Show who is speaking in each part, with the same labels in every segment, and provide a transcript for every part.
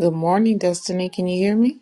Speaker 1: Good morning, Destiny. Can you hear me?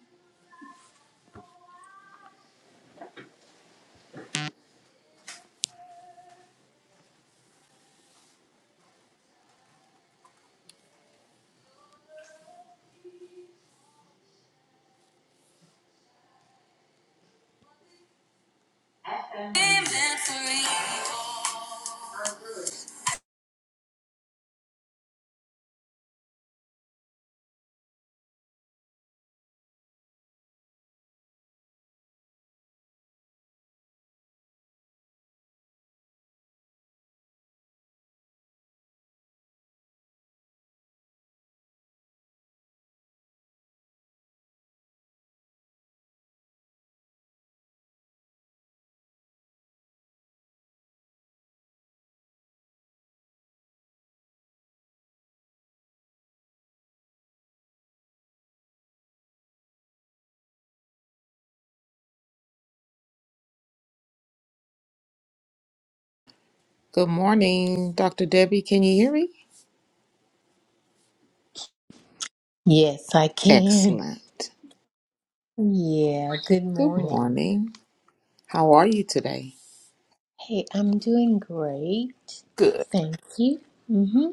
Speaker 1: Good morning, Dr. Debbie. Can you hear me?
Speaker 2: Yes, I can.
Speaker 1: Excellent.
Speaker 2: Yeah, good
Speaker 1: Good
Speaker 2: morning.
Speaker 1: morning. How are you today?
Speaker 2: Hey, I'm doing great.
Speaker 1: Good.
Speaker 2: Thank you. Mm-hmm.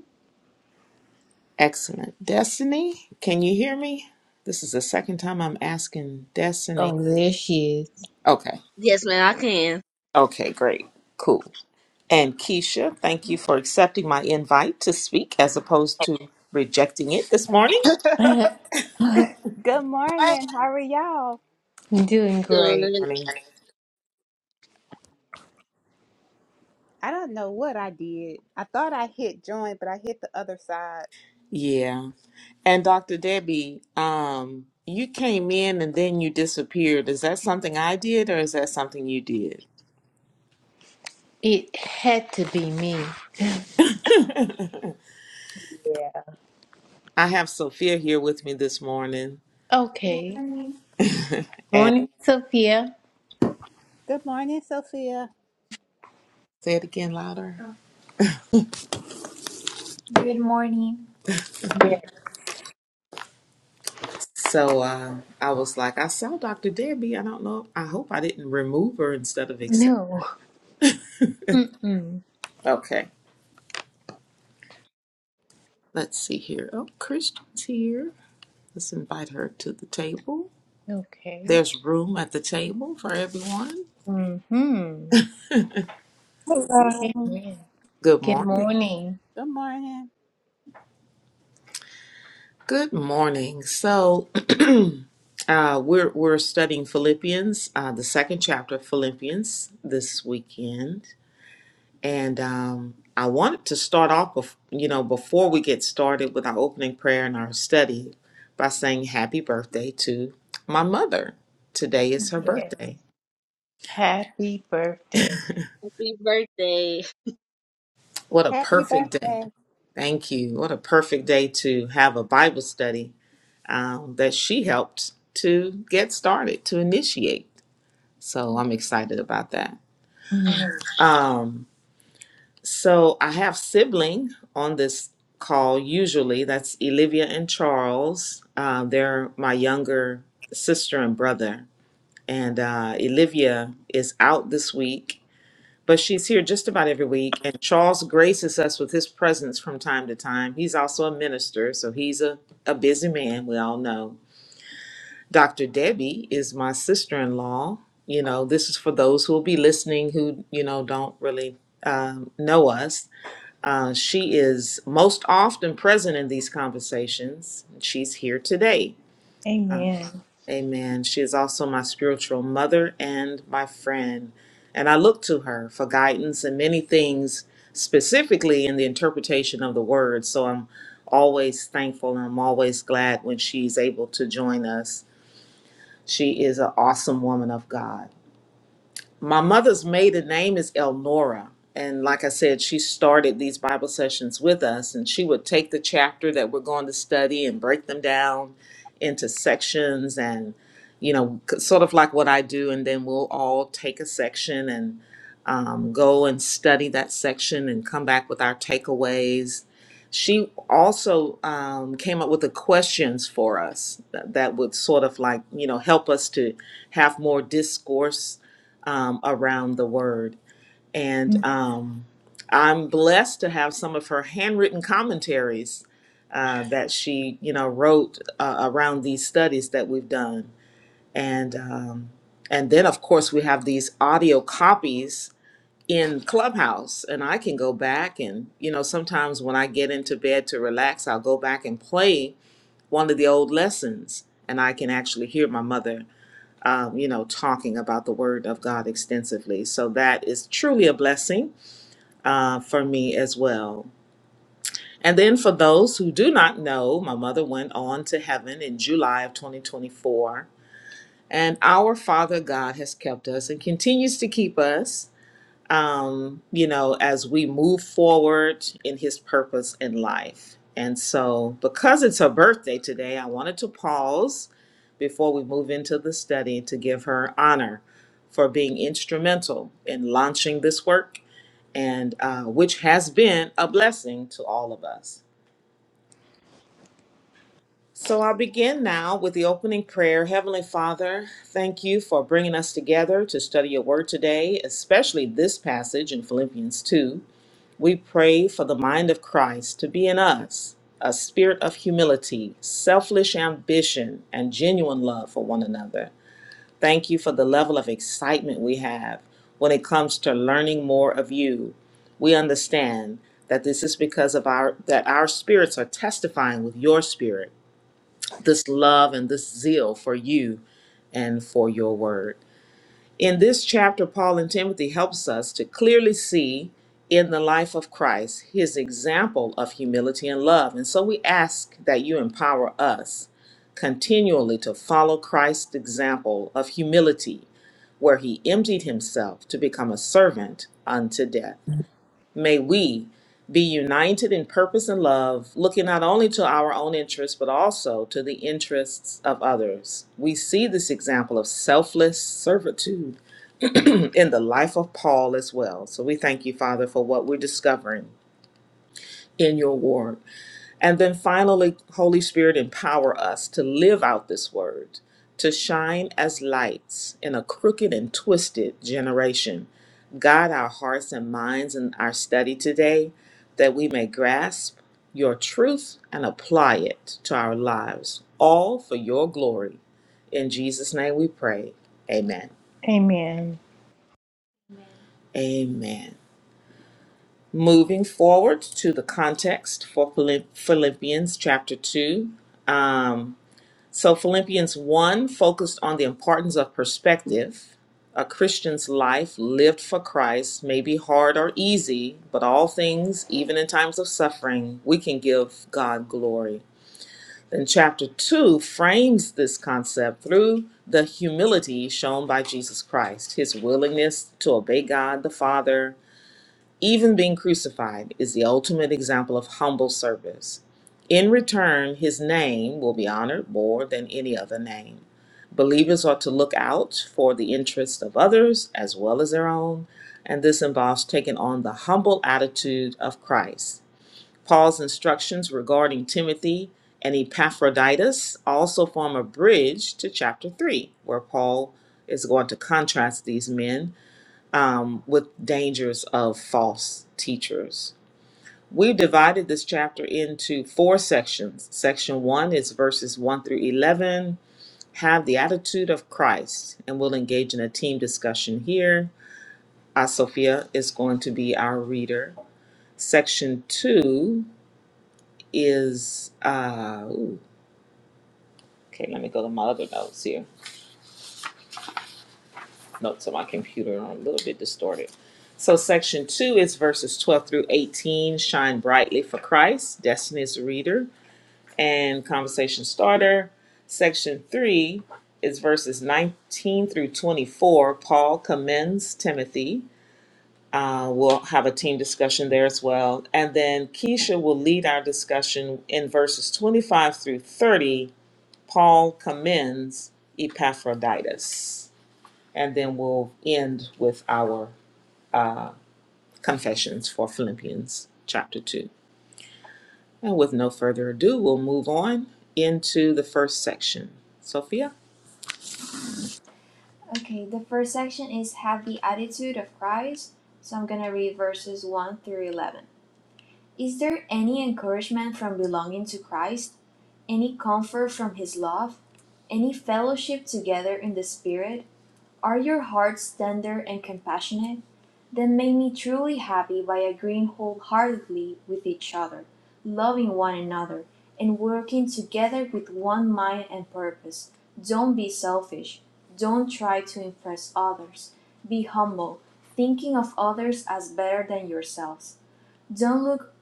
Speaker 1: Excellent. Destiny, can you hear me? This is the second time I'm asking Destiny.
Speaker 2: Oh, there she
Speaker 1: Okay.
Speaker 3: Yes, ma'am, I can.
Speaker 1: Okay, great. Cool. And Keisha, thank you for accepting my invite to speak as opposed to rejecting it this morning.
Speaker 2: is.
Speaker 4: Good morning. How are y'all?
Speaker 2: doing great.
Speaker 3: Good.
Speaker 1: Morning.
Speaker 4: I don't know what I did. I thought I hit join, but I hit the other side.
Speaker 1: Yeah. And Dr. Debbie, um, you came in and then you disappeared. Is that something I did or is that something you did?
Speaker 2: It had to be me.
Speaker 1: I
Speaker 2: Yeah.
Speaker 1: have Sophia here with me this morning.
Speaker 2: Okay.
Speaker 1: And
Speaker 2: Morning, Sophia.
Speaker 4: Good morning, Sophia.
Speaker 1: say it again louder. Good morning.
Speaker 2: Yeah.
Speaker 1: So uh, I was like, I saw Dr. Debbie. I don't know. I hope I didn't remove her instead of accept.
Speaker 2: No. Mm-mm.
Speaker 1: Okay, let's see here. Oh, Christian's here. Let's invite her to the table.
Speaker 2: Okay.
Speaker 1: There's room at the table for everyone.
Speaker 2: Mm-hmm.
Speaker 5: Hello.
Speaker 2: Amen.
Speaker 1: Good
Speaker 2: Good
Speaker 1: morning.
Speaker 2: morning.
Speaker 4: Good morning.
Speaker 1: Good morning. So, uh, we're we're studying Philippians, uh, the second chapter of Philippians this weekend, and um, I wanted to start off, bef- you know, before we get started with our opening prayer and our study, by saying happy birthday to my mother. Today is her
Speaker 2: Yes.
Speaker 1: birthday.
Speaker 2: Happy birthday.
Speaker 3: Happy birthday.
Speaker 1: What a
Speaker 4: Happy
Speaker 1: perfect day!
Speaker 4: birthday.
Speaker 1: Thank you. What a perfect day to have a Bible study um, that she helped to get started to initiate. So I'm excited about that.
Speaker 2: Mm.
Speaker 1: Um, so I have sibling on this call usually. That's Olivia and Charles. Uh, they're my younger sister and brother. And uh, Olivia is out this week, but she's here just about every week. And Charles graces us with his presence from time to time. He's also a minister, so he's a, a busy man, we all know Dr. Debbie is my sister in law. You know, this is for those who will be listening who, you know, don't really um, know us. Uh, she is most often present in these conversations. She's here today.
Speaker 2: Amen.
Speaker 1: Amen. She is also my spiritual mother and my friend. And I look to her for guidance in many things, specifically in the interpretation of the word. So I'm always thankful and I'm always glad when she's able to join us she is an awesome woman of God. My mother's maiden name is Elnora. And like I said, she started these Bible sessions with us, and she would take the chapter that we're going to study and break them down into sections and, you know, c- sort of like what I do. And then we'll all take a section and um, go and study that section and come back with our takeaways. She also um, came up with the questions for us that, that would sort of like, you know, help us to have more discourse um, around the word. And
Speaker 2: Mm,
Speaker 1: um, I'm blessed to have some of her handwritten commentaries uh, that she, you know, wrote uh, around these studies that we've done. And um, and then of course we have these audio copies in Clubhouse, and I can go back and you know sometimes when I get into bed to relax, I'll go back and play one of the old lessons, and I can actually hear my mother um, you know, talking about the Word of God extensively. So that is truly a blessing uh, for me as well. And then for those who do not know, my mother went on to heaven in July of 2024. And our Father God has kept us and continues to keep us um, you know, as we move forward in his purpose in life. And so, because it's her birthday today, I wanted to pause before we move into the study to give her honor for being instrumental in launching this work, and uh, which has been a blessing to all of us. So I'll begin now with the opening prayer. Heavenly Father, thank you for bringing us together to study your word today, especially this passage in Philippians 2. We pray for the mind of Christ to be in us, a spirit of humility, selfish ambition, and genuine love for one another. Thank you for the level of excitement we have when it comes to learning more of you. We understand that this is because of our that our spirits are testifying with your spirit, this love and this zeal for you and for your word. In this chapter, Paul and Timothy helps us to clearly see in the life of Christ his example of humility and love. And so we ask that you empower us continually to follow Christ's example of humility, where he emptied himself to become a servant unto death. May we be united in purpose and love, looking not only to our own interests, but also to the interests of others. We see this example of selfless servitude in the life of Paul as well. So we thank you, Father, for what we're discovering in your word. And then finally, Holy Spirit, empower us to live out this word, to shine as lights in a crooked and twisted generation. Guide our hearts and minds in our study today that we may grasp your truth and apply it to our lives, all for your glory. In Jesus' name we pray. Amen.
Speaker 2: Amen.
Speaker 1: Amen. Moving forward to the context for Philipp- Philippians chapter 2. Um, so, Philippians 1 focused on the importance of perspective. A Christian's life lived for Christ may be hard or easy, but all things, even in times of suffering, we can give God glory. Then, chapter 2 frames this concept through the humility shown by Jesus Christ, his willingness to obey God the Father even being crucified is the ultimate example of humble service. In return, his name will be honored more than any other name. Believers ought to look out for the interests of others as well as their own, and this involves taking on the humble attitude of Christ. Paul's instructions regarding Timothy and Epaphroditus also form a bridge to chapter 3, where Paul is going to contrast these men um, with dangers of false teachers. We've divided this chapter into four sections. Section one is verses 1 through 11. Have the attitude of Christ, and we'll engage in a team discussion here. Uh, Sophia is going to be our reader. Section two is, uh, ooh, okay, let me go to my other notes here. notes on my computer are a little bit distorted. So section two is verses twelve through eighteen, shine brightly for Christ, Destiny's Reader, and Conversation Starter. Section three is verses nineteen through twenty-four. Paul commends Timothy. Uh, we'll have a team discussion there as well. And then Keisha will lead our discussion in verses 25 through 30. Paul commends Epaphroditus and then we'll end with our confessions for Philippians chapter 2. And with no further ado, we'll move on into the first section. Sophia? Okay, the first section is Have the Attitude of Christ. So I'm going to read verses 1 through 11. Is there any encouragement from belonging to Christ? Any comfort from His love? Any fellowship together in the Spirit? Are your hearts tender and compassionate? Then make me truly happy by agreeing wholeheartedly with each other, loving one another, and working together with one mind and purpose. Don't be selfish. Don't try to impress others. Be humble, thinking of others as better than yourselves. Don't look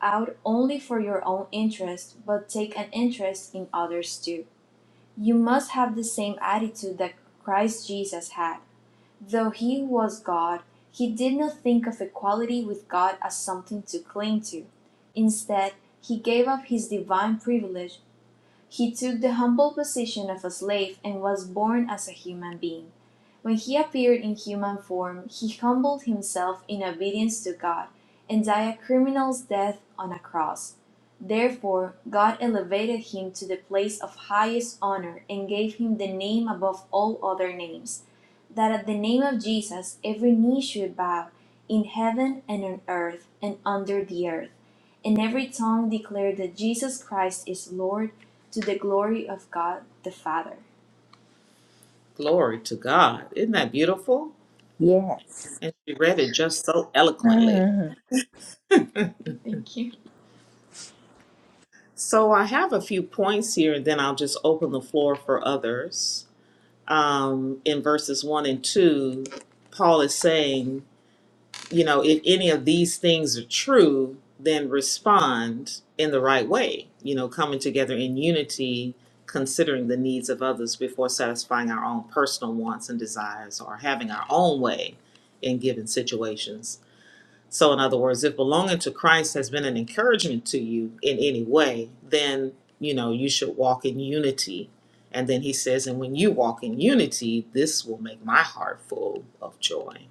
Speaker 1: out only for your own interest, but take an interest in others too. You must have the same attitude that Christ Jesus had. Though he was God, he did not think of equality with God as something to cling to. Instead, he gave up his divine privilege. He took the humble position of a slave and was born as a human being. When he appeared in human form he humbled himself in obedience to God and died a criminal's death on a cross. Therefore God elevated him to the place of highest honor and gave him the name above all other names, that at the name of Jesus every knee should bow in heaven and on earth and under the earth and every tongue declare that Jesus Christ is Lord to the glory of God the Father. Glory to God. Isn't that beautiful?
Speaker 2: Yes.
Speaker 1: And she read it just so eloquently.
Speaker 2: Mhm.
Speaker 1: Thank you. So I have a few points here, and then I'll just open the floor for others. Um, in verses 1 and 2, Paul is saying, you know, if any of these things are true, then respond in the right way, you know, coming together in unity, considering the needs of others before satisfying our own personal wants and desires or having our own way in given situations. So, in other words, if belonging to Christ has been an encouragement to you in any way, then, you know, you should walk in unity. And then he says, and when you walk in unity, this will make my heart full of joy.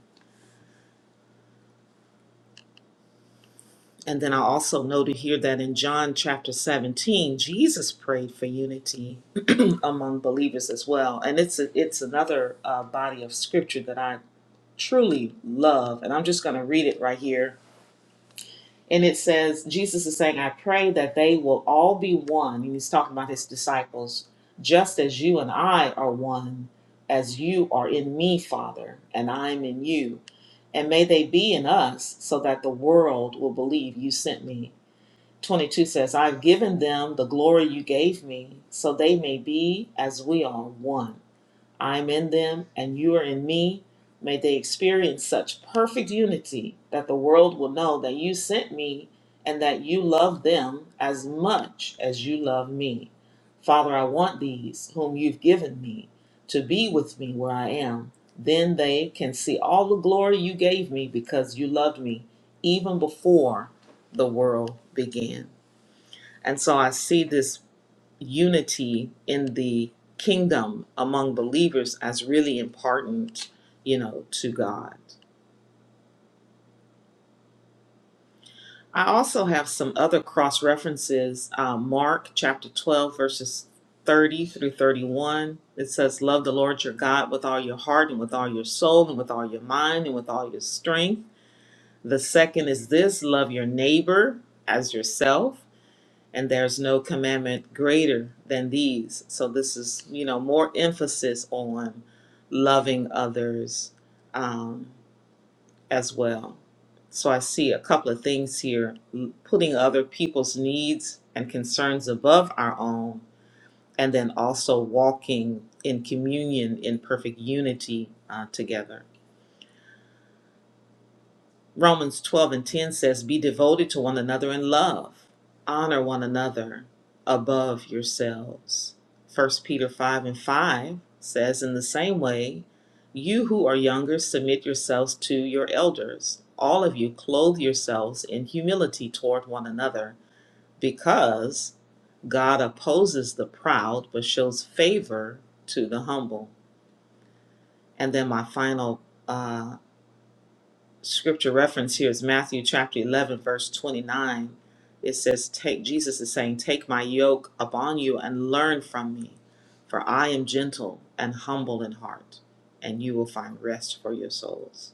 Speaker 1: And then I also noted here that in John chapter 17, Jesus prayed for unity among believers as well. And it's a, it's another uh, body of scripture that I truly love. And I'm just going to read it right here. And it says, Jesus is saying, I pray that they will all be one. And he's talking about his disciples, just as you and I are one, as you are in me, Father, and I'm in you. And may they be in us, so that the world will believe you sent me. 22 says, I've given them the glory you gave me, so they may be as we are one. I'm in them, and you are in me. May they experience such perfect unity that the world will know that you sent me and that you love them as much as you love me. Father, I want these whom you've given me to be with me where I am. Then they can see all the glory you gave me because you loved me even before the world began. And so I see this unity in the kingdom among believers as really important, you know, to God. I also have some other cross references. Uh, Mark chapter 12, verses 30 through 31. It says, Love the Lord your God with all your heart and with all your soul and with all your mind and with all your strength. The second is this love your neighbor as yourself. and there's no commandment greater than these. So this is, you know, more emphasis on loving others um, as well. So I see a couple of things here: l- putting other people's needs and concerns above our own, and then also walking in communion in perfect unity uh, together. Romans 12 and 10 says, Be devoted to one another in love, honor one another above yourselves. First Peter 5 and 5 says, In the same way, you who are younger, submit yourselves to your elders. All of you, clothe yourselves in humility toward one another, because God opposes the proud but shows favor to the humble. And then my final uh scripture reference here is Matthew chapter 11, verse 29. It says, Take, Jesus is saying, Take my yoke upon you and learn from me, for I am gentle and humble in heart, and you will find rest for your souls.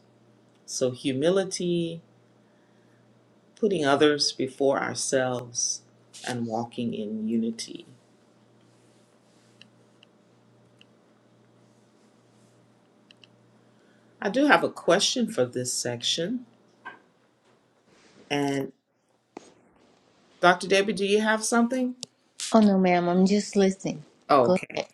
Speaker 1: So, humility, putting others before ourselves, and walking in unity. I do have a question for this section. And Dr. Debbie, do you have something?
Speaker 2: Oh no, ma'am. I'm just listening. Go
Speaker 1: Okay.
Speaker 2: ahead.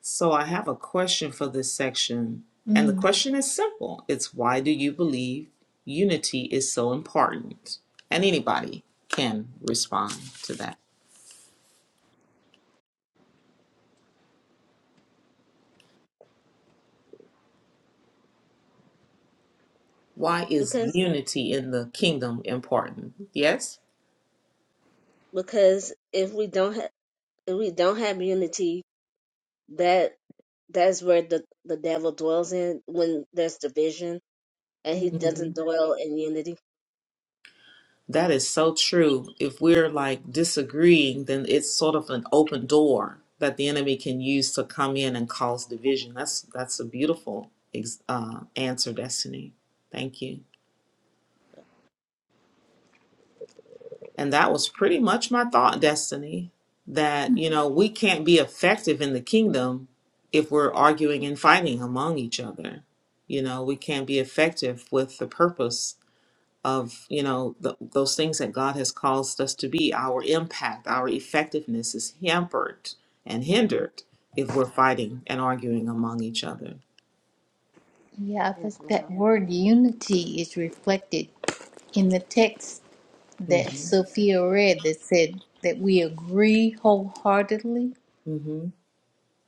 Speaker 1: So I have a question for this section, and the
Speaker 2: Mhm.
Speaker 1: question is simple. It's why do you believe unity is so important? And anybody can respond to that. Why is
Speaker 3: Because
Speaker 1: unity in the kingdom important? Yes?
Speaker 3: because if we don't have if we don't have unity, that that's where the the devil dwells in when there's division and he doesn't
Speaker 1: Mhm.
Speaker 3: dwell in unity.
Speaker 1: That is so true. If we're like disagreeing, then it's sort of an open door that the enemy can use to come in and cause division. That's that's a beautiful ex- uh, answer, Destiny. Thank you. And that was pretty much my thought, Destiny, that, you know, we can't be effective in the kingdom if we're arguing and fighting among each other. You know, we can't be effective with the purpose of, you know, th those things that God has caused us to be. Our impact, our effectiveness is hampered and hindered if we're fighting and arguing among each other.
Speaker 2: Yeah, I
Speaker 3: Yes,
Speaker 2: think that
Speaker 3: mom.
Speaker 2: word unity is reflected in the text that
Speaker 1: Mm-hmm.
Speaker 2: Sophia read that said that we agree wholeheartedly.
Speaker 1: Mm-hmm.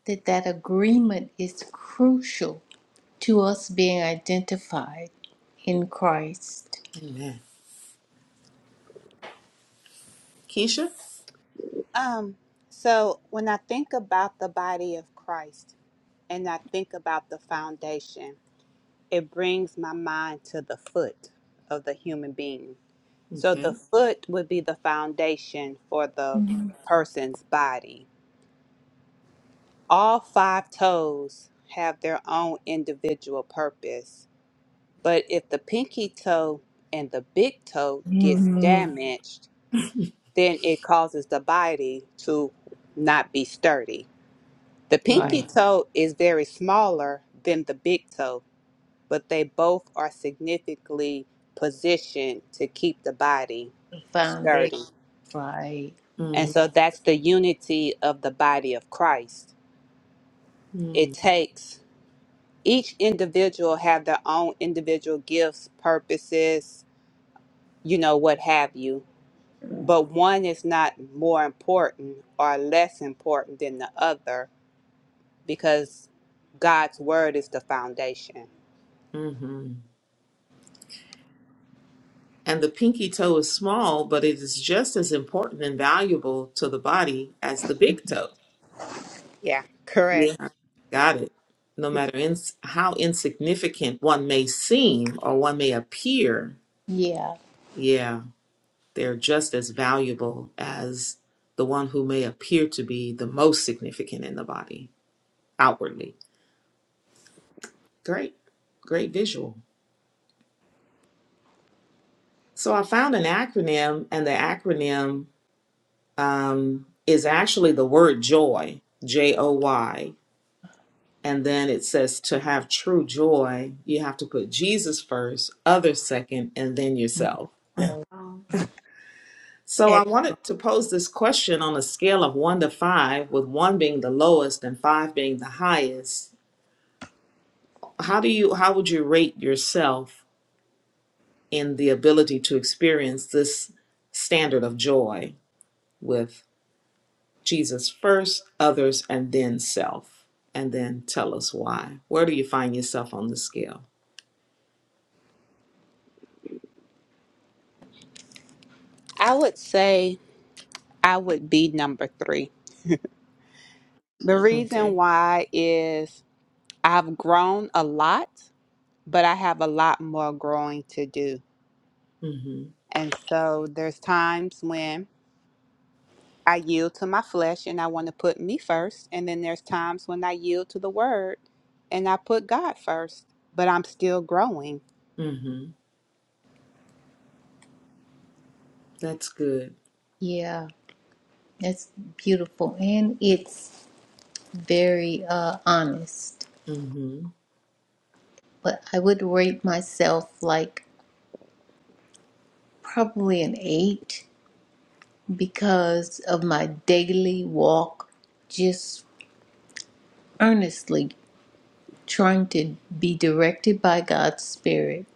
Speaker 2: That that agreement is crucial to us being identified in Christ.
Speaker 1: Amen. Keisha?
Speaker 4: Um, so when I think about the body of Christ and I think about the foundation, it brings my mind to the foot of the human being. So the
Speaker 1: Okay.
Speaker 4: foot would be the foundation for the
Speaker 2: Mhm.
Speaker 4: person's body All five toes have their own individual purpose, but if the pinky toe and the big toe gets damaged, then it causes the body to not be sturdy. The
Speaker 2: Right.
Speaker 4: pinky
Speaker 1: Mm-hmm.
Speaker 4: toe is very smaller than the big toe, but they both are significantly positioned to keep the body
Speaker 2: The foundation.
Speaker 4: sturdy.
Speaker 2: Right.
Speaker 4: And so that's the unity of the body of Christ. It
Speaker 1: Mm-hmm.
Speaker 4: takes each individual have their own individual gifts, purposes, you know, what have you. But one is not more important or less important than the other because God's word is the foundation.
Speaker 1: Mm-hmm. And the pinky toe is small, but it is just as important and valuable to the body as the big toe.
Speaker 4: Yeah, correct.
Speaker 1: Yeah. Got it. No matter ins how insignificant one may seem or one may appear,
Speaker 2: Yeah.
Speaker 1: yeah, they're just as valuable as the one who may appear to be the most significant in the body outwardly. Great, great visual. So I found an acronym, and the acronym um, is actually the word joy, J O Y. And then it says to have true joy, you have to put Jesus first, others second, and then yourself.
Speaker 2: So.
Speaker 1: Oh. So I
Speaker 2: ex-
Speaker 1: wanted to pose this question on a scale of one to five, with one being the lowest and five being the highest. How do you how would you rate yourself in the ability to experience this standard of joy with Jesus first, others, and then self? And then tell us why. Where do you find yourself on the scale?
Speaker 4: I would say I would be number three. The reason
Speaker 1: Okay.
Speaker 4: why is I've grown a lot, but I have a lot more growing to do.
Speaker 1: Hmm.
Speaker 4: And so there's times when I yield to my flesh and I want to put me first. And then there's times when I yield to the word and I put God first, but I'm still growing.
Speaker 1: Mm-hmm. That's good.
Speaker 2: Yeah. That's beautiful. And it's very uh, honest.
Speaker 1: Mm-hmm.
Speaker 2: But I would rate myself like probably an eight because of my daily walk, just earnestly trying to be directed by God's Spirit,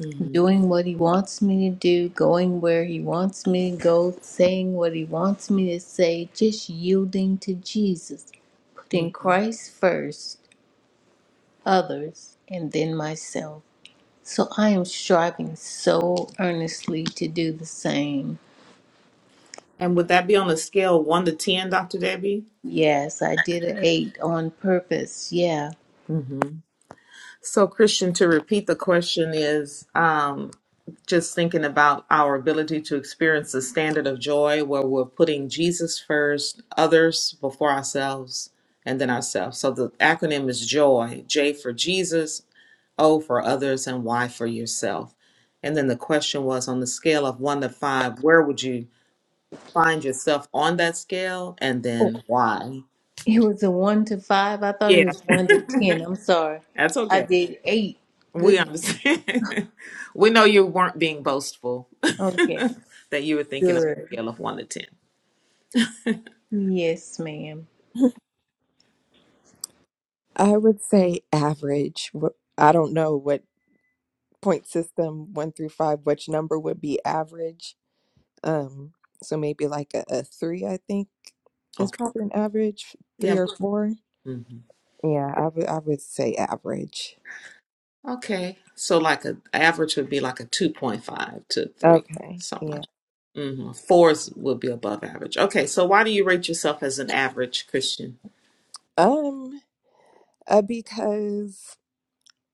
Speaker 1: Mm-hmm.
Speaker 2: doing what He wants me to do, going where He wants me to go, saying what He wants me to say, just yielding to Jesus, putting
Speaker 1: Mm-hmm.
Speaker 2: Christ first, others, and then myself. So I am striving so earnestly to do the same.
Speaker 1: And would that be on a scale of one to ten, Dr. Debbie?
Speaker 2: Yes, I did an eight on purpose. Yeah.
Speaker 1: Mm-hmm. So, Christian, to repeat the question is um, just thinking about our ability to experience the standard of joy where we're putting Jesus first, others before ourselves, and then ourselves. So the acronym is JOY J for Jesus, O for others, and Y for yourself. And then the question was on the scale of one to five, where would you? find yourself on that scale and then why.
Speaker 2: It was a one to five. I thought it
Speaker 1: Yeah,
Speaker 2: was one to ten. I'm sorry.
Speaker 1: that's
Speaker 2: I
Speaker 1: okay.
Speaker 2: did eight.
Speaker 1: We
Speaker 2: Goodness.
Speaker 1: understand. we know you weren't being boastful,
Speaker 2: Okay.
Speaker 1: that you were thinking of a
Speaker 2: Good.
Speaker 1: scale of 1 to 10.
Speaker 2: Yes, madam
Speaker 5: I would say average. Wh- I don't know what point system one through five, which number would be average. Um, so maybe like a, a three, I think, is
Speaker 1: Okay.
Speaker 5: probably an average, three
Speaker 1: Yeah.
Speaker 5: or four.
Speaker 1: Mhm.
Speaker 5: Yeah, I would I would say average.
Speaker 1: Okay. So, like, a average would be like a 2.5 to 3,
Speaker 5: Okay.
Speaker 1: something like
Speaker 5: Yeah.
Speaker 1: that. hmm Fours would be above average. Okay. So, why do you rate yourself as an average Christian?
Speaker 5: Um, uh, because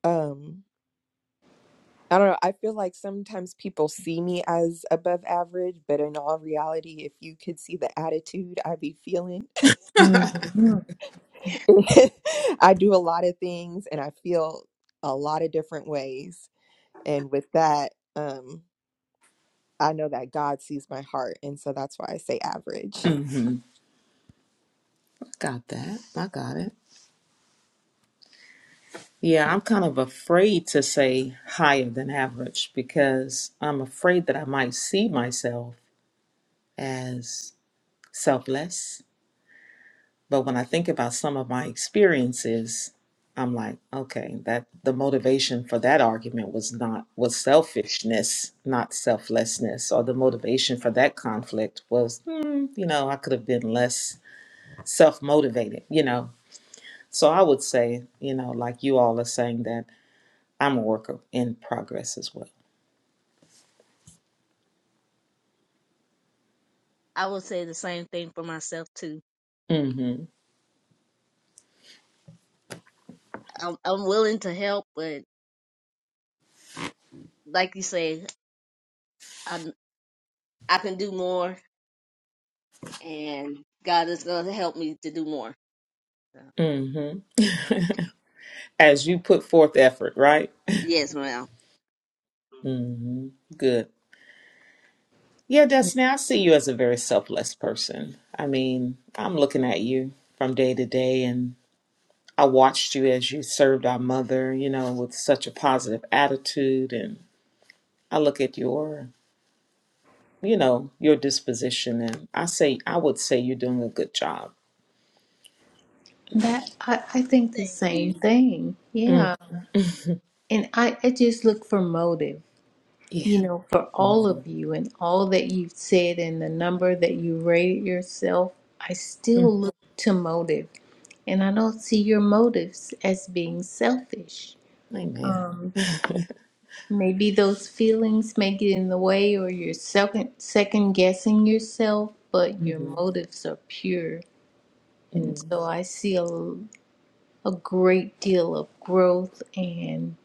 Speaker 5: um I don't know, I feel like sometimes people see me as above average, but in all reality, if you could see the attitude I be feeling.
Speaker 2: Mm-hmm.
Speaker 5: I do a lot of things and I feel a lot of different ways. And with that, um, I know that God sees my heart. And so that's why I say average.
Speaker 1: hmm Got that. I got it. Yeah, I'm kind of afraid to say higher than average because I'm afraid that I might see myself as selfless. But when I think about some of my experiences, I'm like, okay, that the motivation for that argument was not was selfishness, not selflessness, or the motivation for that conflict was, hmm, you know, I could have been less self-motivated, you know. So I would say, you know, like you all are saying that I'm a work in progress as well.
Speaker 3: I would say the same thing for myself too.
Speaker 1: mm
Speaker 3: I'm I'm willing to help, but like you say, I'm I can do more, and God is going to help me to do more. So,
Speaker 1: hmm mm hmm as you put forth effort, right?
Speaker 3: Yes, ma'am.
Speaker 1: mm hmm Good. Yeah, Destiny, I see you as a very selfless person. I mean, I'm looking at you from day to day, and I watched you as you served our mother, you know, with such a positive attitude. And I look at your, you know, your disposition, and I say, I would say you're doing a good job.
Speaker 2: That I, I think the
Speaker 3: Thank
Speaker 2: same
Speaker 3: you.
Speaker 2: thing.
Speaker 1: Mm.
Speaker 2: Yeah. And I, I just look for motive. you
Speaker 1: Yeah.
Speaker 2: know, for all of you and all that you've said and the number that you rated yourself, I
Speaker 1: Mhm.
Speaker 2: still look to motive. And I don't see your motives as being selfish.
Speaker 1: Amen.
Speaker 2: Um, maybe those feelings may get in the way or you're second, second guessing yourself, but your motives are pure.
Speaker 1: hmm
Speaker 2: And so I see a, a great deal of growth and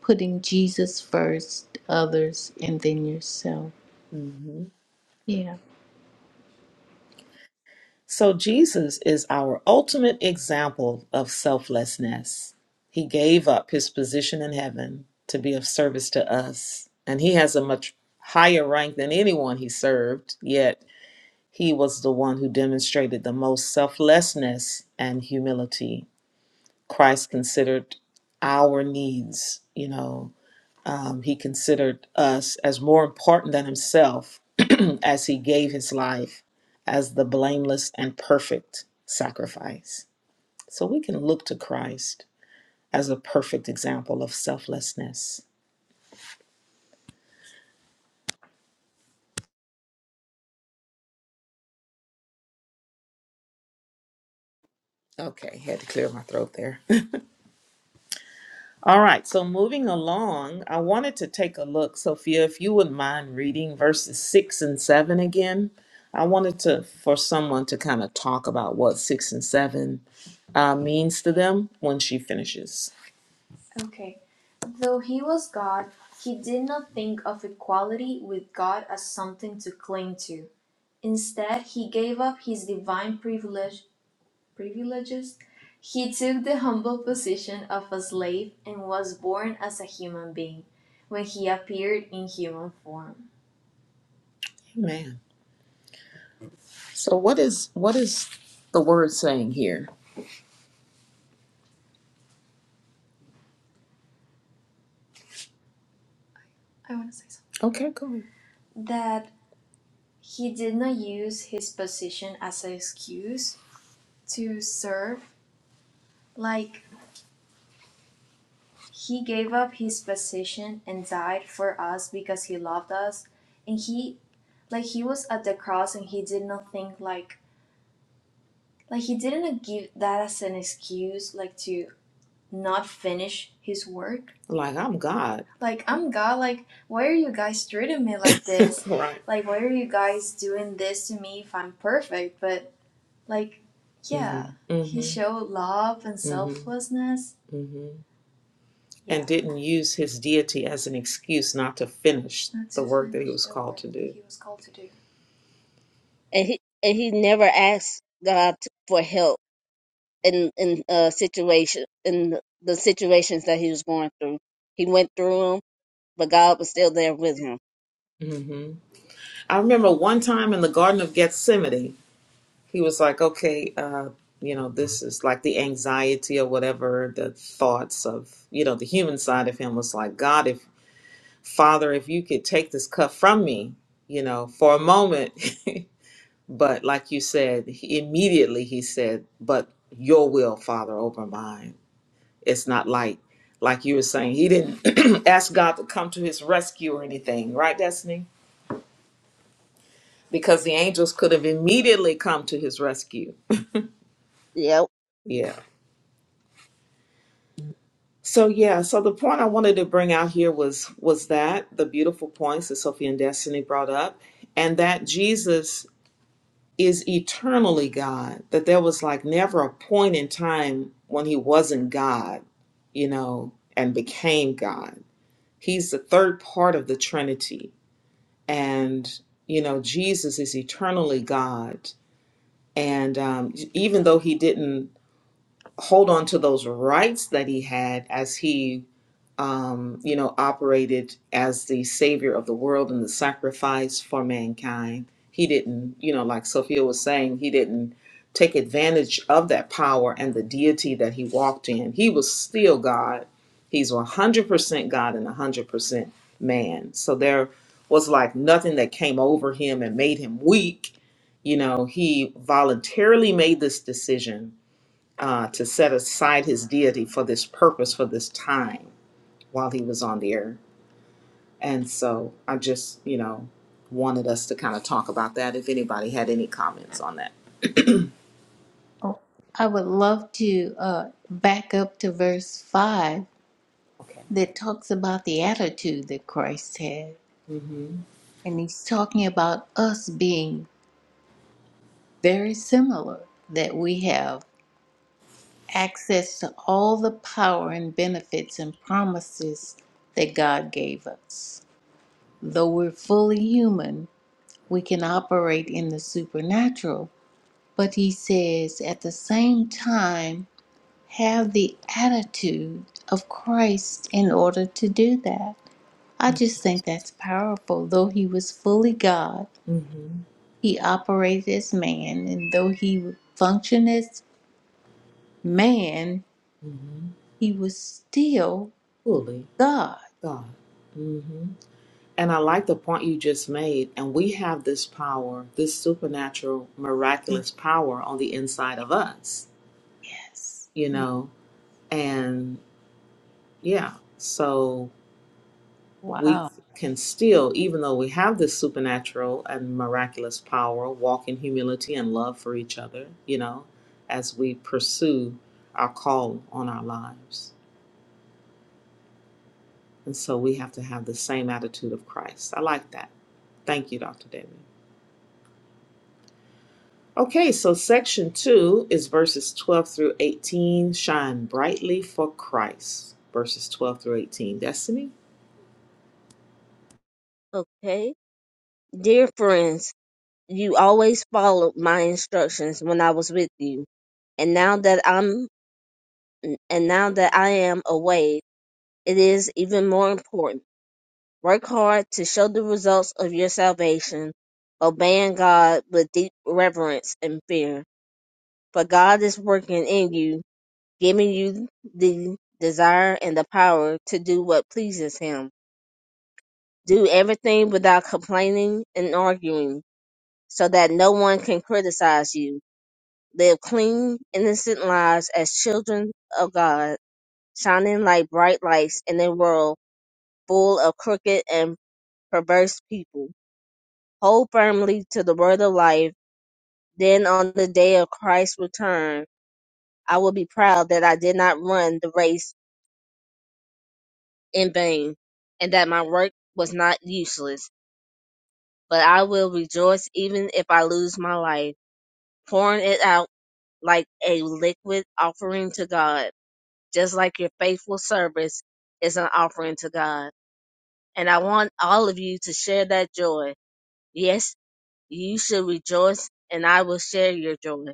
Speaker 2: putting Jesus first, others, and then yourself.
Speaker 1: hmm
Speaker 2: Yeah.
Speaker 1: So Jesus is our ultimate example of selflessness. He gave up his position in heaven to be of service to us, and he has a much higher rank than anyone he served, yet he was the one who demonstrated the most selflessness and humility. Christ considered our needs, you know, Um, he considered us as more important than himself as he gave his life as the blameless and perfect sacrifice. So we can look to Christ as a perfect example of selflessness. Okay, had to clear my throat there. All right, so moving along, I wanted to take a look, Sophia, if you wouldn't mind reading verses six and seven again. I wanted to for someone to kind of talk about what six and seven uh, means to them when she finishes. Okay. Though he was God, he did not think of equality with God as something to cling to. Instead, he gave up his divine privilege, privileges. He took the humble position of a slave and was born as a human being when he appeared in human form. Amen. So what is what is the word saying here? I want to say something. Okay, go ahead. That he did not use his position as an excuse to serve. Like, he gave up his position and died for us because he loved us. And he, like, he was at the cross and he did not think, like, like, he didn't give that as an excuse, like, to not finish his work. Like, I'm God. Like, I'm God, like, why are you guys treating me like this? Right. like, why are you guys doing this to me if I'm perfect? But, like, yeah, Mhm. he showed love and selflessness. hmm and didn't use his deity as an excuse not to finish That's the work that he was called to do.
Speaker 3: and he and he never asked God t- for help in in uh situation in the situations that he was going through. He went through them, but God was still there with him.
Speaker 1: hmm I remember one time in the Garden of Gethsemane, he was like, okay, uh, you know, this is like the anxiety or whatever, the thoughts of, you know, the human side of him was like, God, if Father, if you could take this cup from me, you know, for a moment. but like you said, he, immediately he said, but your will, Father, over mine. It's not like like you were saying, he didn't ask God to come to his rescue or anything, right, Destiny? Because the angels could have immediately come to his rescue.
Speaker 3: Yep.
Speaker 1: Yeah. So yeah, so the point I wanted to bring out here was was that the beautiful points that Sophie and Destiny brought up, and that Jesus is eternally God. That there was like never a point in time when he wasn't God, you know, and became God. He's the third part of the Trinity and you know jesus is eternally god and um, even though he didn't hold on to those rights that he had as he um, you know, operated as the savior of the world and the sacrifice for mankind. He didn't, you know, like Sophia was saying, he didn't take advantage of that power and the deity that he walked in. He was still God. He's 100% God and 100% man. So there was like nothing that came over him and made him weak. You know, he voluntarily made this decision uh, to set aside his deity for this purpose, for this time while he was on the air. And so I just, you know, wanted us to kind of talk about that if anybody had any comments on that.
Speaker 2: Oh, I would love to uh, back up to verse 5
Speaker 1: Okay.
Speaker 2: that talks about the attitude that Christ had.
Speaker 1: Mm-hmm.
Speaker 2: And he's talking about us being very similar, that we have access to all the power and benefits and promises that God gave us. Though we're fully human, we can operate in the supernatural. But he says at the same time, have the attitude of Christ in order to do that. I just think that's powerful. Though he was fully God,
Speaker 1: Mm-hmm.
Speaker 2: he operated as man, and though he functioned as man,
Speaker 1: Mm-hmm.
Speaker 2: he was still
Speaker 1: Holy
Speaker 2: God.
Speaker 1: God. Mm-hmm. And I like the point you just made. And we have this power, this supernatural, miraculous power on the inside of us,
Speaker 2: Yes.
Speaker 1: you know? And yeah, so. we
Speaker 2: Wow.
Speaker 1: can still, even though we have this supernatural and miraculous power, walk in humility and love for each other, you know, as we pursue our call on our lives. And so we have to have the same attitude of Christ. I like that. Thank you, Dr. David. Okay, so section two is verses 12 through 18. Shine brightly for Christ. Verses 12 through 18. Destiny?
Speaker 3: Okay. Dear friends, you always followed my instructions when I was with you, and now that I'm and now that I am away, it is even more important. Work hard to show the results of your salvation, obeying God with deep reverence and fear. But God is working in you, giving you the desire and the power to do what pleases Him. Do everything without complaining and arguing, so that no one can criticize you. Live clean, innocent lives as children of God, shining like bright lights in a world full of crooked and perverse people. Hold firmly to the word of life. Then on the day of Christ's return, I will be proud that I did not run the race in vain, and that my work was not useless, but I will rejoice even if I lose my life, pouring it out like a liquid offering to God, just like your faithful service is an offering to God. And I want all of you to share that joy. Yes, you should rejoice, and I will share your joy.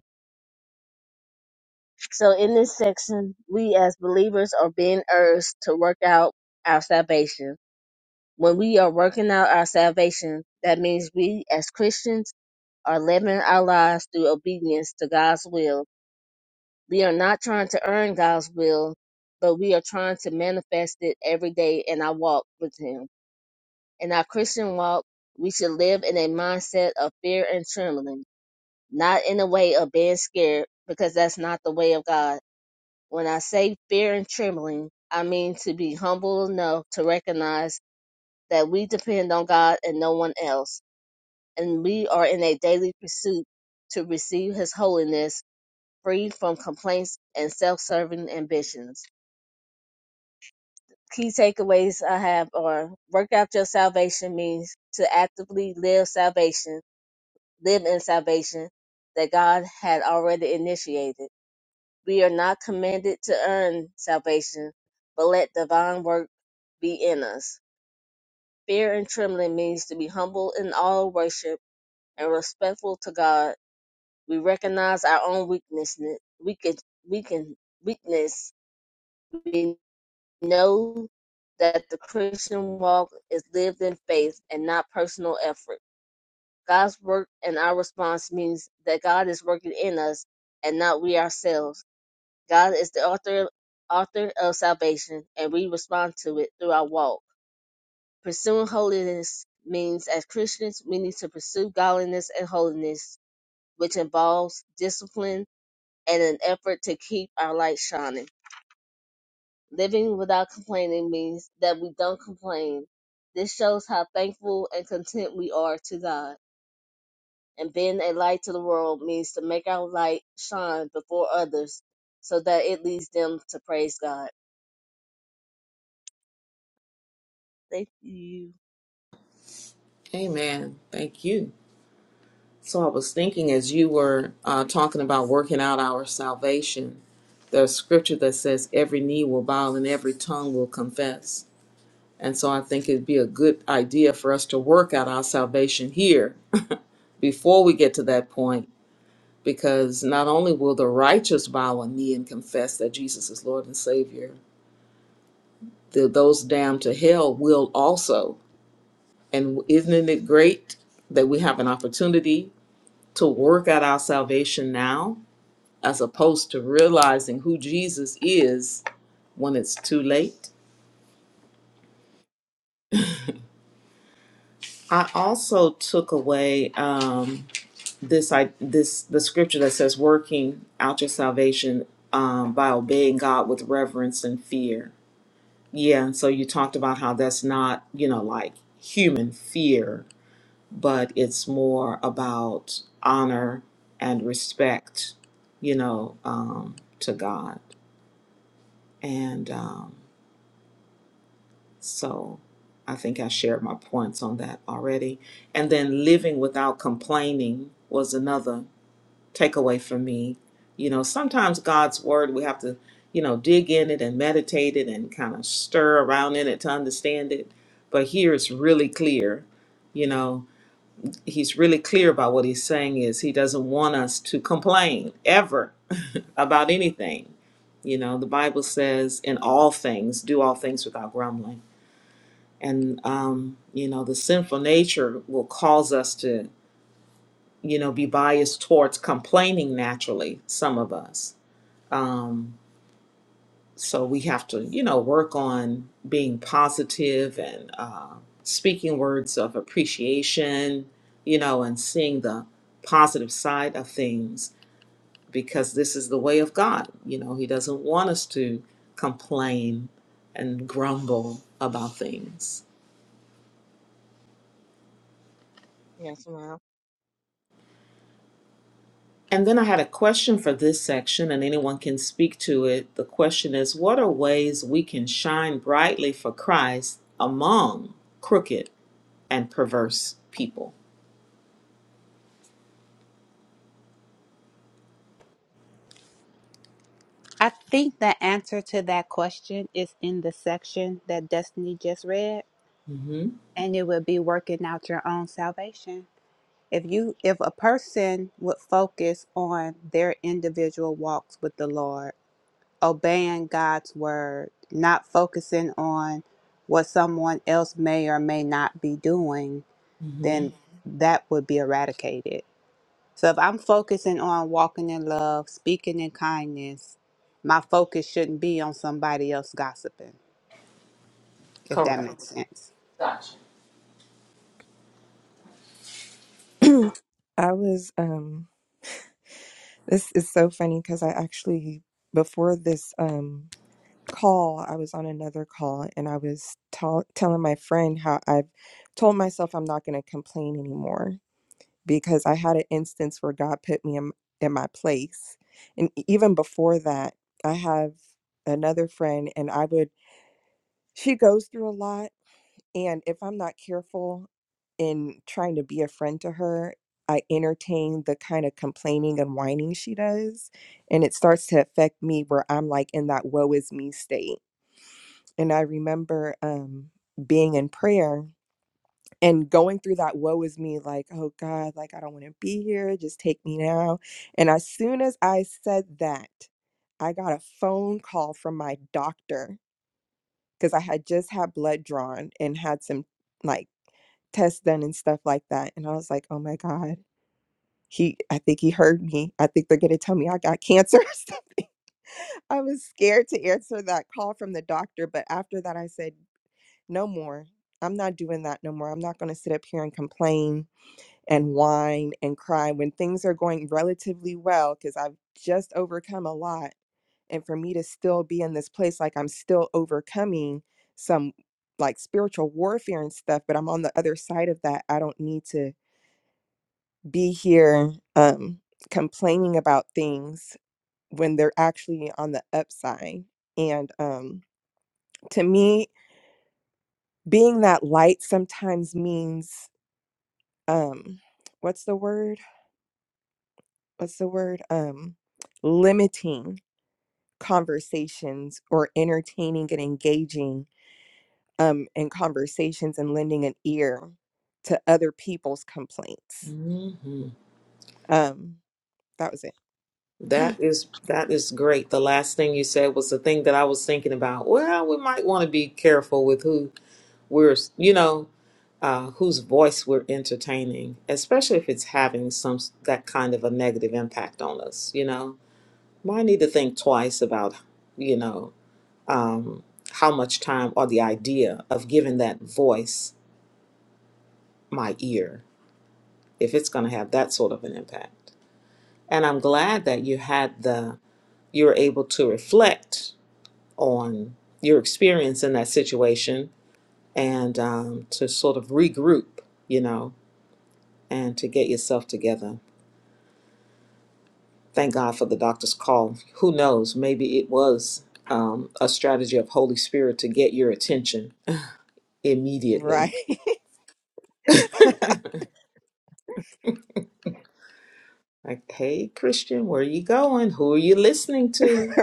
Speaker 3: So, in this section, we as believers are being urged to work out our salvation When we are working out our salvation, that means we as Christians are living our lives through obedience to God's will. We are not trying to earn God's will, but we are trying to manifest it every day in our walk with Him. In our Christian walk, we should live in a mindset of fear and trembling, not in a way of being scared, because that's not the way of God. When I say fear and trembling, I mean to be humble enough to recognize that we depend on God and no one else and we are in a daily pursuit to receive His holiness, free from complaints and self-serving ambitions. Key takeaways I have are: work out your salvation means to actively live salvation, live in salvation that God had already initiated. We are not commanded to earn salvation, but let divine work be in us. Fear and trembling means to be humble in all worship and respectful to God We recognize our own weakness. We can, we can weakness. We know that the Christian walk is lived in faith and not personal effort. God's work and our response means that God is working in us and not we ourselves. God is the author author of salvation, and we respond to it through our walk. Pursuing holiness means, as Christians, we need to pursue godliness and holiness, which involves discipline and an effort to keep our light shining. Living without complaining means that we don't complain. This shows how thankful and content we are to God. And being a light to the world means to make our light shine before others so that it leads them to praise God. Thank you.
Speaker 1: Amen. Thank you. So I was thinking as you were uh, talking about working out our salvation, there's scripture that says every knee will bow and every tongue will confess. And so I think it'd be a good idea for us to work out our salvation here before we get to that point, because not only will the righteous bow a knee and confess that Jesus is Lord and Savior, the, those damned to hell will also. And isn't it great that we have an opportunity to work out our salvation now? as opposed to realizing who Jesus is when it's too late. I also took away um, this I this the scripture that says working out your salvation um, by obeying God with reverence and fear. Yeah, and so you talked about how that's not you know like human fear, but it's more about honor and respect, you know, um, to God. And um, So I think I shared my points on that already. And then living without complaining was another takeaway for me. You know, sometimes God's word, we have to, you know, dig in it and meditate it and kind of stir around in it to understand it. But here it's really clear. You know, he's really clear about what he's saying is he doesn't want us to complain ever about anything. You know, the Bible says, in all things, do all things without grumbling and um, you know the sinful nature will cause us to you know be biased towards complaining naturally some of us um, so we have to you know work on being positive and uh, speaking words of appreciation you know and seeing the positive side of things because this is the way of god you know he doesn't want us to complain and grumble about things
Speaker 3: Yes, ma'am.
Speaker 1: And then I had a question for this section, and anyone can speak to it. The question is What are ways we can shine brightly for Christ among crooked and perverse people?
Speaker 4: I think the answer to that question is in the section that Destiny just read,
Speaker 1: hmm
Speaker 4: and it would be working out your own salvation. If you if a person would focus on their individual walks with the Lord, obeying God's word, not focusing on what someone else may or may not be doing,
Speaker 1: hmm
Speaker 4: then that would be eradicated. So if I'm focusing on walking in love, speaking in kindness, my focus shouldn't be on somebody else gossiping, if that
Speaker 1: Correct.
Speaker 4: makes sense.
Speaker 5: I was, um, this is so funny because I actually, before this um, call, I was on another call and I was tell telling my friend how I've told myself I'm not going to complain anymore because I had an instance where God put me in, in my place. And e- even before that, I have another friend, and I would, she goes through a lot. And if I'm not careful in trying to be a friend to her, I entertain the kind of complaining and whining she does. And it starts to affect me where I'm like in that woe is me state. And I remember um, being in prayer and going through that woe is me like oh god like i don't want to be here just take me now and as soon as i said that i got a phone call from my doctor because i had just had blood drawn and had some like tests done and stuff like that and i was like oh my god he i think he heard me i think they're going to tell me i got cancer or something i was scared to answer that call from the doctor but after that i said no more i'm not doing that no more i'm not going to sit up here and complain and whine and cry when things are going relatively well because I've just overcome a lot. And for me to still be in this place, like I'm still overcoming some like spiritual warfare and stuff, but I'm on the other side of that. I don't need to be here um, complaining about things when they're actually on the upside. And um, to me, being that light sometimes means um, what's the word? what's the word um limiting conversations or entertaining and engaging um in conversations and lending an ear to other people's complaints
Speaker 1: Mm-hmm.
Speaker 5: um that was it
Speaker 1: That is that is great. The last thing you said was the thing that I was thinking about. Well, we might want to be careful with who we're, you know, uh, whose voice we're entertaining, especially if it's having some that kind of a negative impact on us. You know, Well, I need to think twice about, you know, um, how much time or the idea of giving that voice my ear, if it's going to have that sort of an impact. And I'm glad that you had the, you were able to reflect on your experience in that situation and um, to sort of regroup, you know, and to get yourself together. Thank God for the doctor's call. Who knows? Maybe it was um, a strategy of Holy Spirit to get your attention
Speaker 5: right
Speaker 1: immediately. Like, hey, Christian, where are you going? Who are you listening to?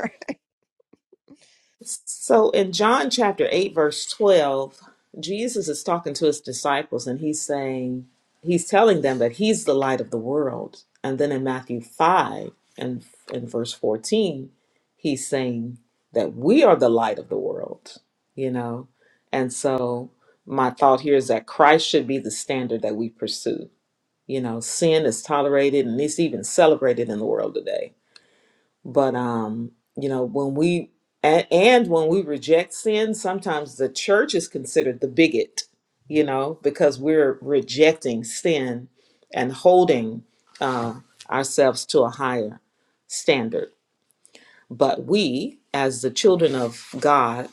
Speaker 1: So, in John chapter 8, verse 12, Jesus is talking to his disciples and he's saying, he's telling them that he's the light of the world. And then in Matthew 5 and in verse 14, he's saying that we are the light of the world, you know? And so, my thought here is that Christ should be the standard that we pursue you know sin is tolerated and it's even celebrated in the world today but um you know when we and, and when we reject sin sometimes the church is considered the bigot you know because we're rejecting sin and holding uh, ourselves to a higher standard but we as the children of god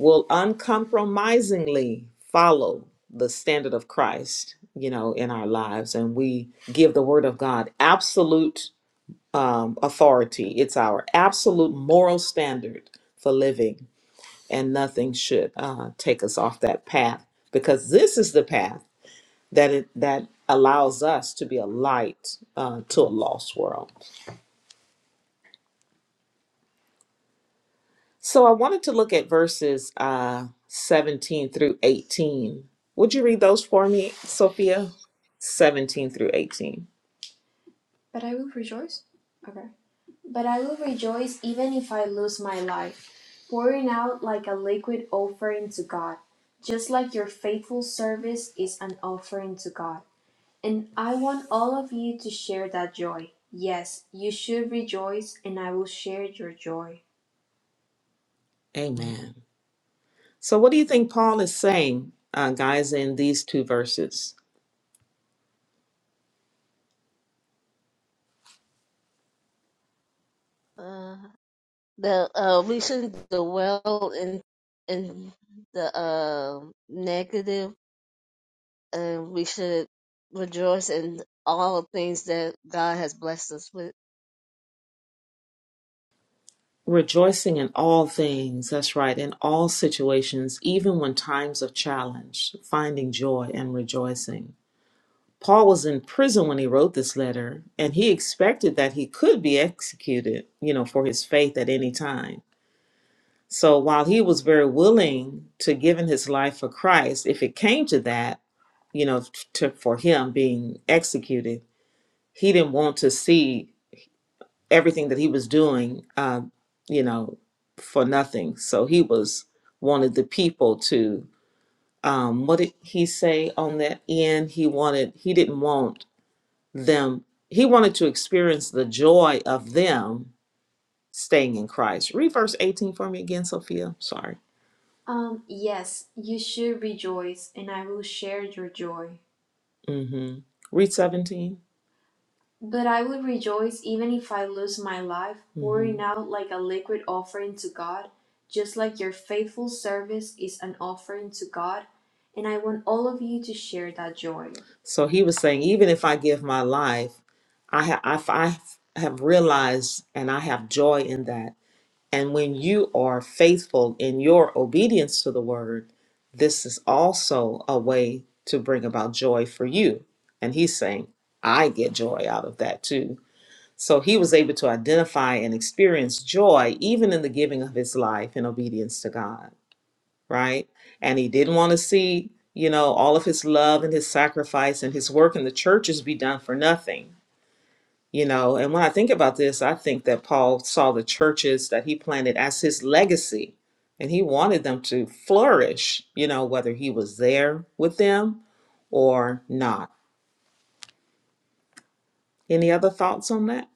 Speaker 1: will uncompromisingly follow the standard of Christ, you know, in our lives. And we give the word of God absolute um, authority. It's our absolute moral standard for living, and nothing should uh, take us off that path because this is the path that it, that allows us to be a light uh, to a lost world. So I wanted to look at verses uh, 17 through 18. Would you read those for me, Sophia? 17 through 18. But I will rejoice. Okay. But I will rejoice even if I lose my life, pouring out like a liquid offering to God, just like your faithful service is an offering to God. And I want all of you to share that joy. Yes, you should rejoice, and I will share your joy. Amen. So, what do you think Paul is saying, uh, guys, in these two verses?
Speaker 3: Uh, the uh, we shouldn't dwell in in the uh, negative and we should rejoice in all things that God has blessed us with.
Speaker 1: Rejoicing in all things, that's right, in all situations, even when times of challenge, finding joy and rejoicing. Paul was in prison when he wrote this letter, and he expected that he could be executed, you know, for his faith at any time. So while he was very willing to give in his life for Christ, if it came to that, you know, to, for him being executed, he didn't want to see everything that he was doing, um, you know, for nothing. So he was wanted the people to. Um, what did he say on that end? He wanted. He didn't want them. He wanted to experience the joy of them staying in Christ. Read verse eighteen for me again, Sophia. Sorry. Um, yes, you should rejoice, and I will share your joy. Mm-hmm. Read seventeen. But I will rejoice even if I lose my life, pouring Mhm. out like a liquid offering to God, just like your faithful service is an offering to God. And I want all of you to share that joy. So he was saying, even if I give my life, I, ha- I, I have realized and I have joy in that. And when you are faithful in your obedience to the word, this is also a way to bring about joy for you. And he's saying, I get joy out of that too. So he was able to identify and experience joy even in the giving of his life in obedience to God, right? And he didn't want to see, you know, all of his love and his sacrifice and his work in the churches be done for nothing you know, and when I think about this, I think that Paul saw the churches that he planted as his legacy, and he wanted them to flourish, you know, whether he was there with them or not. Any other thoughts on that?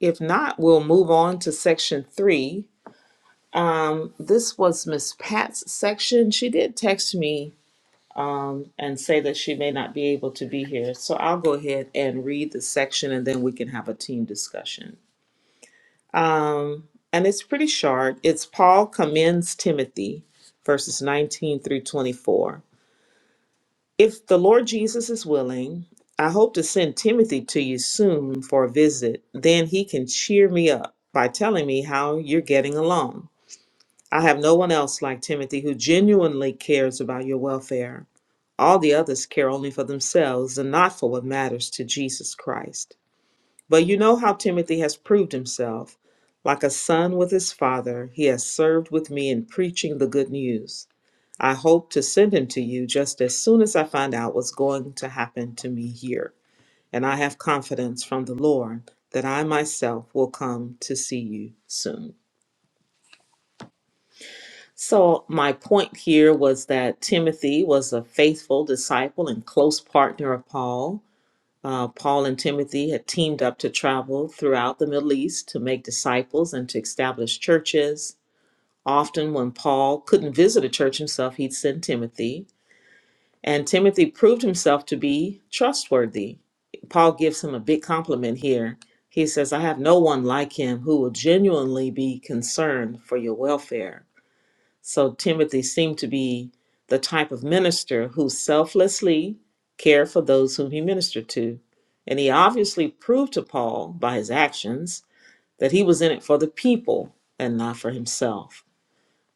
Speaker 1: If not, we'll move on to section three. Um, this was Miss Pat's section. She did text me um, and say that she may not be able to be here. So I'll go ahead and read the section and then we can have a team discussion. Um, and it's pretty short. It's Paul commends Timothy, verses 19 through 24. If the Lord Jesus is willing, I hope to send Timothy to you soon for a visit. Then he can cheer me up by telling me how you're getting along. I have no one else like Timothy who genuinely cares about your welfare. All the others care only for themselves and not for what matters to Jesus Christ. But you know how Timothy has proved himself. Like a son with his father, he has served with me in preaching the good news. I hope to send him to you just as soon as I find out what's going to happen to me here. And I have confidence from the Lord that I myself will come to see you soon. So, my point here was that Timothy was a faithful disciple and close partner of Paul. Uh, Paul and Timothy had teamed up to travel throughout the Middle East to make disciples and to establish churches. Often, when Paul couldn't visit a church himself, he'd send Timothy, and Timothy proved himself to be trustworthy. Paul gives him a big compliment here. He says, I have no one like him who will genuinely be concerned for your welfare. So Timothy seemed to be the type of minister who selflessly cared for those whom he ministered to. And he obviously proved to Paul by his actions that he was in it for the people and not for himself.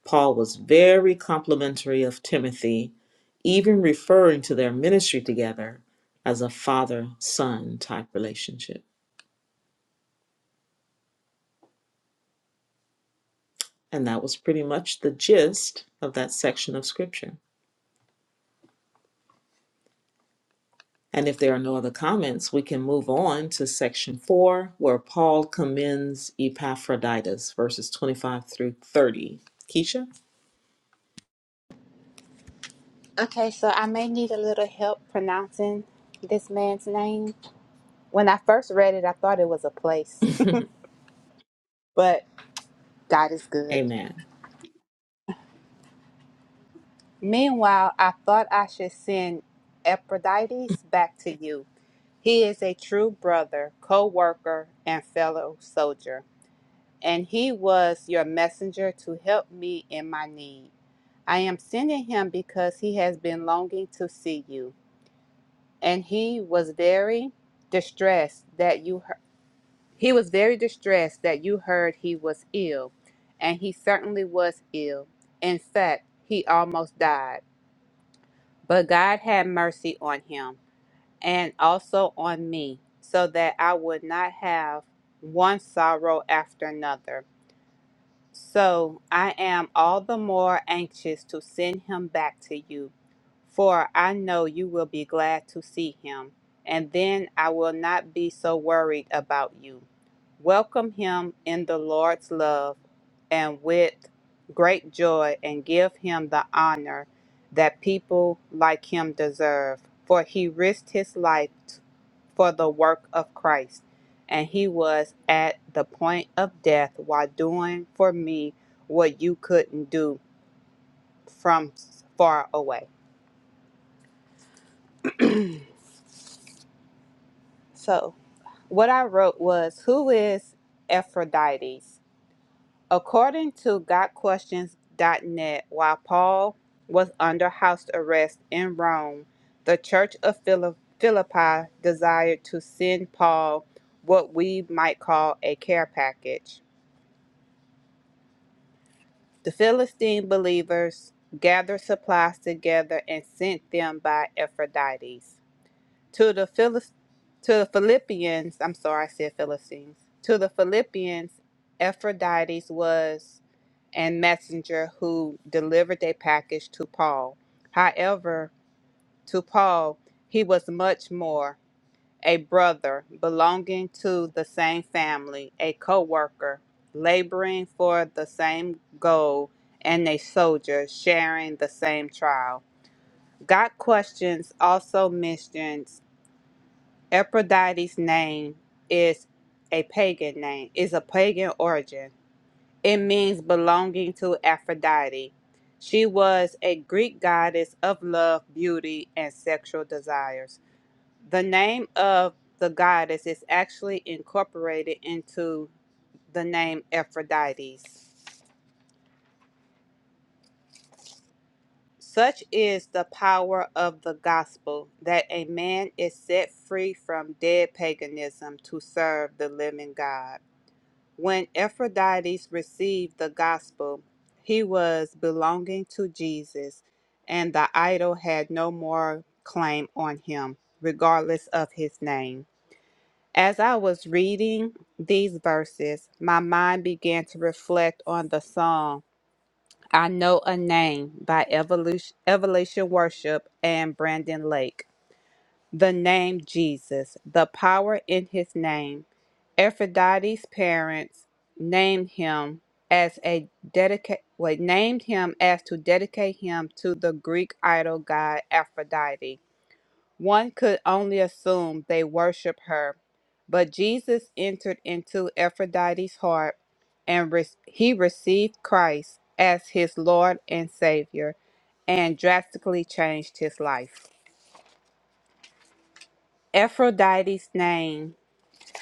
Speaker 1: Paul was very complimentary of Timothy, even referring to their ministry together as a father son type relationship. And that was pretty much the gist of that section of scripture. And if there are no other comments, we can move on to section four, where Paul commends Epaphroditus, verses 25 through 30. Keisha?
Speaker 4: Okay, so I may need a little help pronouncing this man's name. When I first read it, I thought it was a place, but God is good.
Speaker 1: Amen.
Speaker 4: Meanwhile, I thought I should send Epaphroditus back to you. He is a true brother, co worker, and fellow soldier. and he was your messenger to help me in my need. I am sending him because he has been longing to see you, and he was very distressed that you heard. He was very distressed that you heard he was ill, and he certainly was ill. In fact, he almost died. But God had mercy on him and also on me, so that I would not have one sorrow after another. So I am all the more anxious to send him back to you, for I know you will be glad to see him, and then I will not be so worried about you. Welcome him in the Lord's love and with great joy, and give him the honor that people like him deserve, for he risked his life for the work of Christ, and he was at the point of death while doing for me what you couldn't do from far away. So, what I wrote was Who is Ephrodites? According to God Questions dot net, while Paul was under house arrest in Rome, the church of Philippi desired to send Paul what we might call a care package The Philistine believers gathered supplies together and sent them by Ephrodites to the Philist- to the Philippians. I'm sorry, I said Philistines. To the Philippians, Ephrodites was a messenger who delivered a package to Paul. However, to Paul, he was much more a brother belonging to the same family, a co-worker laboring for the same goal, and a soldier sharing the same trial. God questions also mentions Aphrodite's name is a pagan name, is a pagan origin. It means belonging to Aphrodite. She was a Greek goddess of love, beauty, and sexual desires the name of the goddess is actually incorporated into the name Aphrodites. Such is the power of the gospel that a man is set free from dead paganism to serve the living God. When Aphrodites received the gospel, he was belonging to Jesus, and the idol had no more claim on him, regardless of his name. As I was reading these verses, my mind began to reflect on the song I Know a Name by Evolution, Evolution Worship and Brandon Lake. The name Jesus, the power in his name. Aphrodite's parents named him as a dedicate wait, named him as to dedicate him to the Greek idol god Aphrodite. One could only assume they worship her, but Jesus entered into Aphrodite's heart and re- he received Christ as his Lord and Savior and drastically changed his life. Aphrodite's name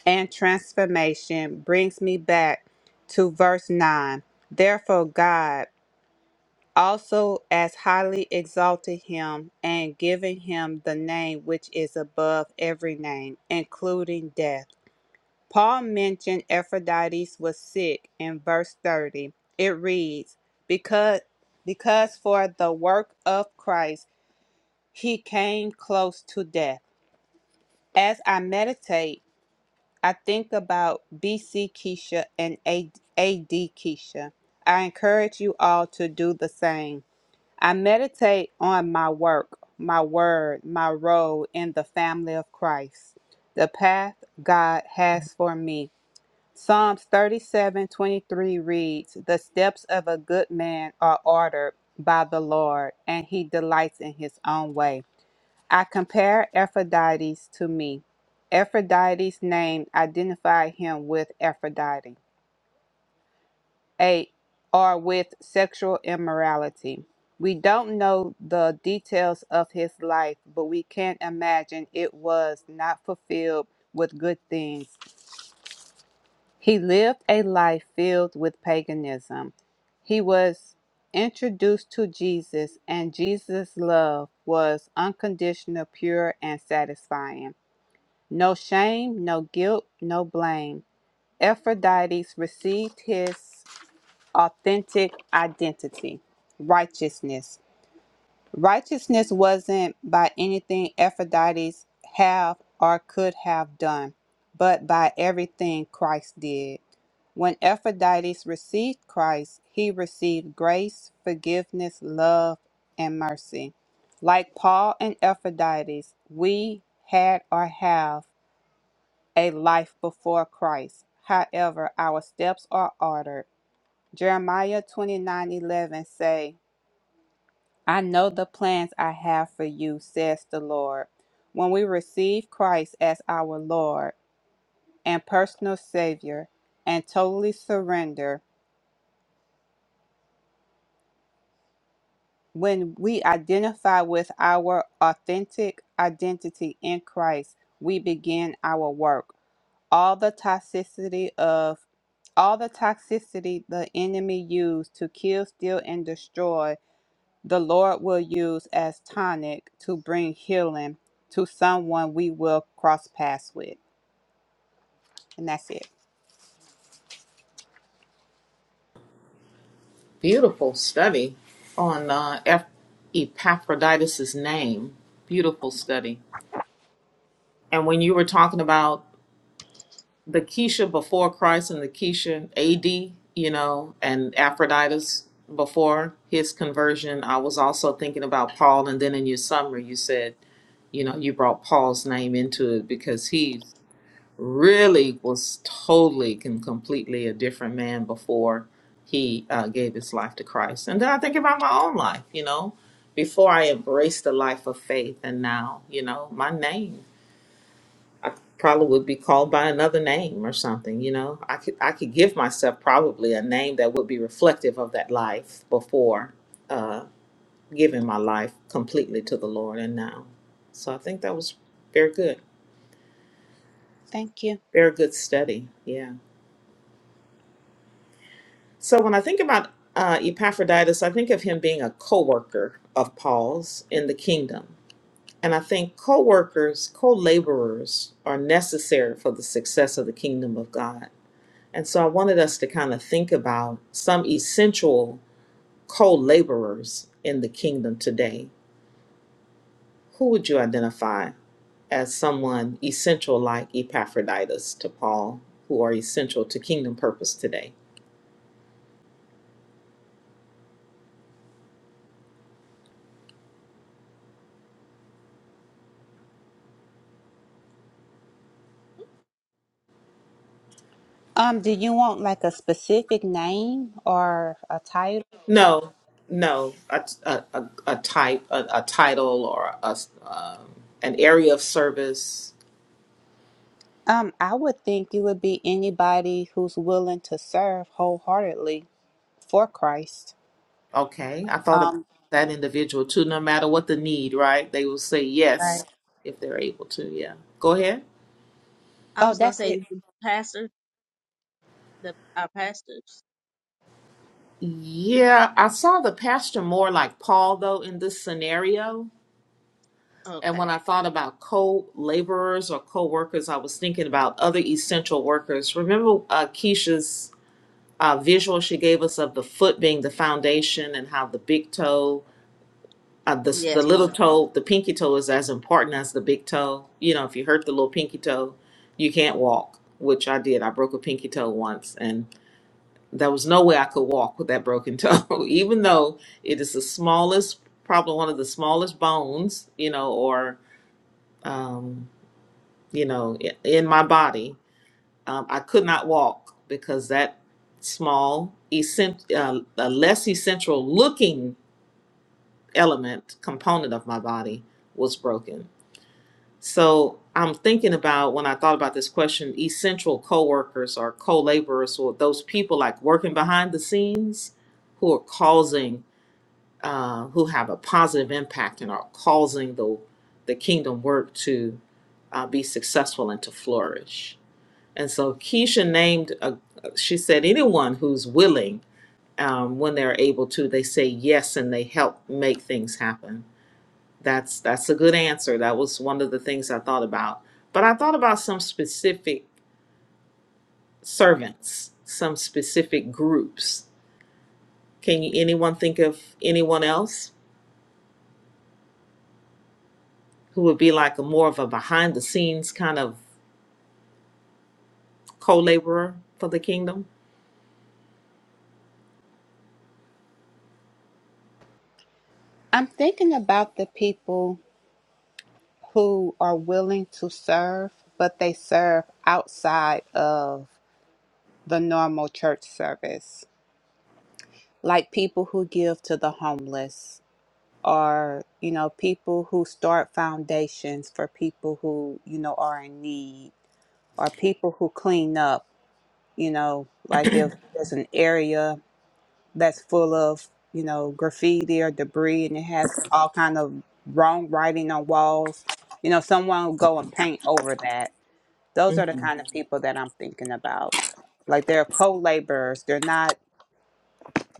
Speaker 4: and transformation brings me back to verse 9. Therefore, God. also as highly exalted him and given him the name which is above every name, including death. Paul mentioned Epaphroditus was sick in verse 30. It reads, Because because for the work of Christ he came close to death. As I meditate, I think about BC Keisha and AD Keisha. I encourage you all to do the same. I meditate on my work, my word, my role in the family of Christ, the path God has for me. Psalms 37:23 reads, The steps of a good man are ordered by the Lord, and he delights in his own way. I compare Ephrodites to me. Ephrodites' name identified him with Aphrodite. 8 are with sexual immorality. We don't know the details of his life, but we can imagine it was not fulfilled with good things. He lived a life filled with paganism. He was introduced to Jesus, and Jesus' love was unconditional, pure, and satisfying. No shame, no guilt, no blame. Aphrodite received his authentic identity, righteousness. Righteousness wasn't by anything Aphrodite's have or could have done, but by everything Christ did. When Aphrodite's received Christ, he received grace, forgiveness, love, and mercy. Like Paul and Aphrodite's, we had or have a life before Christ. However, our steps are ordered Jeremiah 29:11 say, I know the plans I have for you, says the Lord. When we receive Christ as our Lord and personal Savior and totally surrender, when we identify with our authentic identity in Christ, we begin our work. All the toxicity of all the toxicity the enemy used to kill, steal, and destroy the Lord will use as tonic to bring healing to someone we will cross paths with. And that's it.
Speaker 1: Beautiful study on uh, Eph- Epaphroditus' name. Beautiful study. And when you were talking about the Keisha before Christ and the Keisha AD, you know, and Aphroditus before his conversion. I was also thinking about Paul, and then in your summary, you said, you know, you brought Paul's name into it because he really was totally and completely a different man before he uh, gave his life to Christ. And then I think about my own life, you know, before I embraced the life of faith, and now, you know, my name. I probably would be called by another name or something, you know. I could I could give myself probably a name that would be reflective of that life before uh giving my life completely to the Lord and now. So I think that was very good.
Speaker 4: Thank you.
Speaker 1: Very good study. Yeah. So when I think about uh Epaphroditus, I think of him being a co-worker of Paul's in the kingdom. And I think co-workers, co-laborers are necessary for the success of the kingdom of God And so I wanted us to kind of think about some essential co laborers in the kingdom today. Who would you identify as someone essential like Epaphroditus to Paul, who are essential to kingdom purpose today?
Speaker 4: Um, do you want like a specific name or a title?
Speaker 1: No, no, a, a, a, a type, a, a title, or a um, an area of service.
Speaker 4: Um, I would think it would be anybody who's willing to serve wholeheartedly for Christ.
Speaker 1: Okay, I thought about
Speaker 4: Um,
Speaker 1: that individual too, no matter what the need, right? They will say yes
Speaker 4: right.
Speaker 1: if they're able to. Yeah, go ahead.
Speaker 3: I
Speaker 4: Oh,
Speaker 3: was gonna
Speaker 4: that's
Speaker 3: say
Speaker 4: it.
Speaker 3: the pastor, the our pastors.
Speaker 1: Yeah, I saw the pastor more like Paul though in this scenario. And when
Speaker 3: Okay.
Speaker 1: I thought about co-laborers or co-workers, I was thinking about other essential workers. Remember uh, Keisha's uh, visual she gave us of the foot being the foundation and how the big toe, uh, the the
Speaker 3: Yes,
Speaker 1: little
Speaker 3: ma'am.
Speaker 1: toe, the pinky toe is as important as the big toe. You know, if you hurt the little pinky toe, you can't walk. Which I did. I broke a pinky toe once, and. There was no way I could walk with that broken toe, even though it is the smallest, probably one of the smallest bones, you know, or, um, you know, i- in my body. Um, I could not walk because that small, essent- uh, a less essential looking element, component of my body was broken. So I'm thinking about when I thought about this question, essential co-workers or co-laborers or those people like working behind the scenes who are causing uh, who have a positive impact and are causing the the kingdom work to uh, be successful and to flourish. And so Keisha named, a, she said, anyone who's willing um, when they're able to, they say yes and they help make things happen. That's that's a good answer. That was one of the things I thought about. But I thought about some specific servants, some specific groups. Can you anyone think of anyone else? who would be like a more of a behind the scenes kind of co-laborer for the kingdom.
Speaker 4: I'm thinking about the people who are willing to serve, but they serve outside of the normal church service. like people who give to the homeless or you know people who start foundations for people who you know are in need or people who clean up you know like if there's an area that's full of you know graffiti or debris and it has all kind of wrong writing on walls you know someone will go and paint over that those are the
Speaker 1: Mhm.
Speaker 4: kind of people that i'm thinking about like they're co-laborers they're not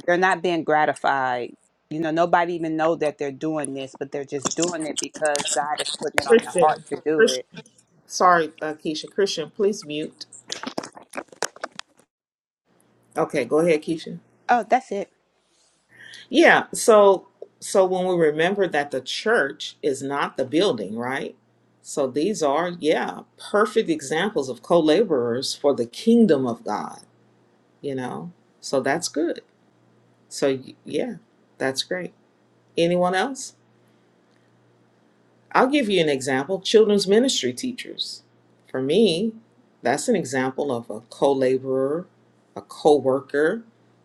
Speaker 4: they're not being gratified. You know, nobody even know that they're doing this, but they're just doing it because God is putting it on their
Speaker 1: Christian,
Speaker 4: heart to do it.
Speaker 1: Christian. Sorry, uh, Keisha. Christian, please mute. Okay, go ahead, Keisha.
Speaker 4: Oh, that's it.
Speaker 1: Yeah. So, so when we remember that the church is not the building, right? So these are, yeah, perfect examples of co-laborers for the kingdom of God. You know, so that's good. So y- yeah, that's great. Anyone else? I'll give you an example children's ministry teachers. For me, that's an example of a co laborer, a co worker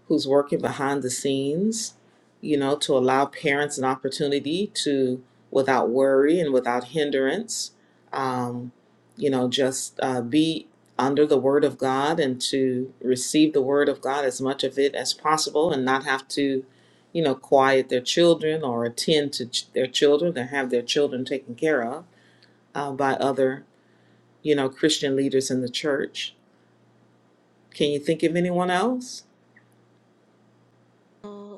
Speaker 1: who's working behind the scenes, you know, to allow parents an opportunity to, without worry and without hindrance, um, you know, just uh, be under the Word of God and to receive the Word of God as much of it as possible and not have to you know, quiet their children or attend to ch- their children or have their children taken care of uh, by other, you know, Christian leaders in the church. Can you think of anyone else?
Speaker 3: Uh,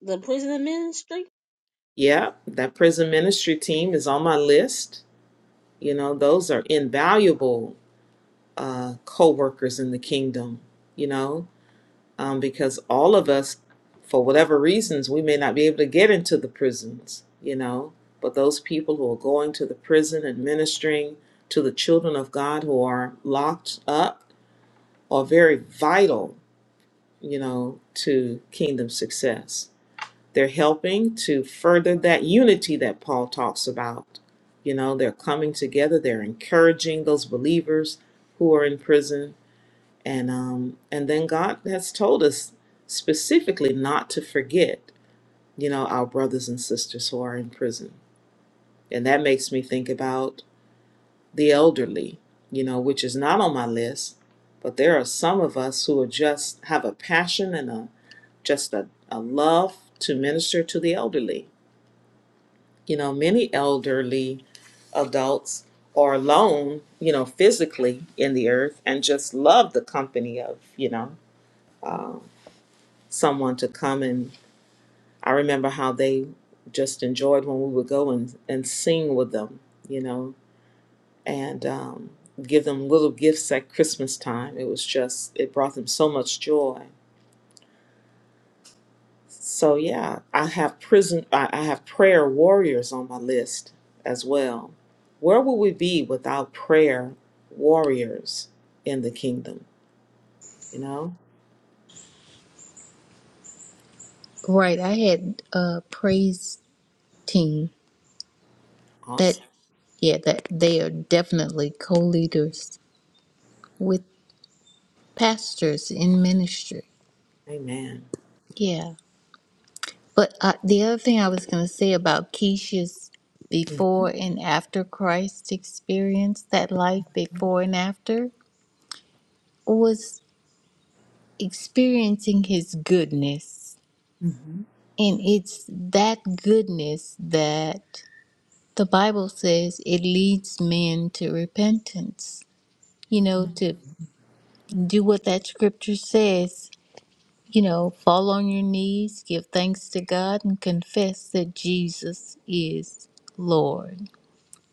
Speaker 3: the prison ministry?
Speaker 1: Yeah, that prison ministry team is on my list. You know, those are invaluable uh, co workers in the kingdom, you know, um, because all of us, for whatever reasons, we may not be able to get into the prisons, you know. But those people who are going to the prison and ministering to the children of God who are locked up are very vital, you know, to kingdom success. They're helping to further that unity that Paul talks about. You know, they're coming together, they're encouraging those believers who are in prison and um and then god has told us specifically not to forget you know our brothers and sisters who are in prison and that makes me think about the elderly you know which is not on my list but there are some of us who are just have a passion and a just a, a love to minister to the elderly you know many elderly adults are alone you know physically in the earth and just love the company of you know um, someone to come and I remember how they just enjoyed when we would go and, and sing with them, you know, and um, give them little gifts at Christmas time. It was just it brought them so much joy. So yeah, I have prison I, I have prayer warriors on my list as well. Where would we be without prayer warriors in the kingdom? You know?
Speaker 2: Right. I had a praise team that,
Speaker 1: Awesome.
Speaker 2: yeah, that they are definitely co leaders with pastors in ministry.
Speaker 1: Amen.
Speaker 2: Yeah. But uh, the other thing I was going to say about Keisha's
Speaker 1: Mhm.
Speaker 2: before and after Christ experience, that life before and after, was experiencing his goodness.
Speaker 1: Mhm.
Speaker 2: And it's that goodness that the Bible says it leads men to repentance. You know, to do what that scripture says, you know, fall on your knees, give thanks to God, and confess that Jesus is Lord.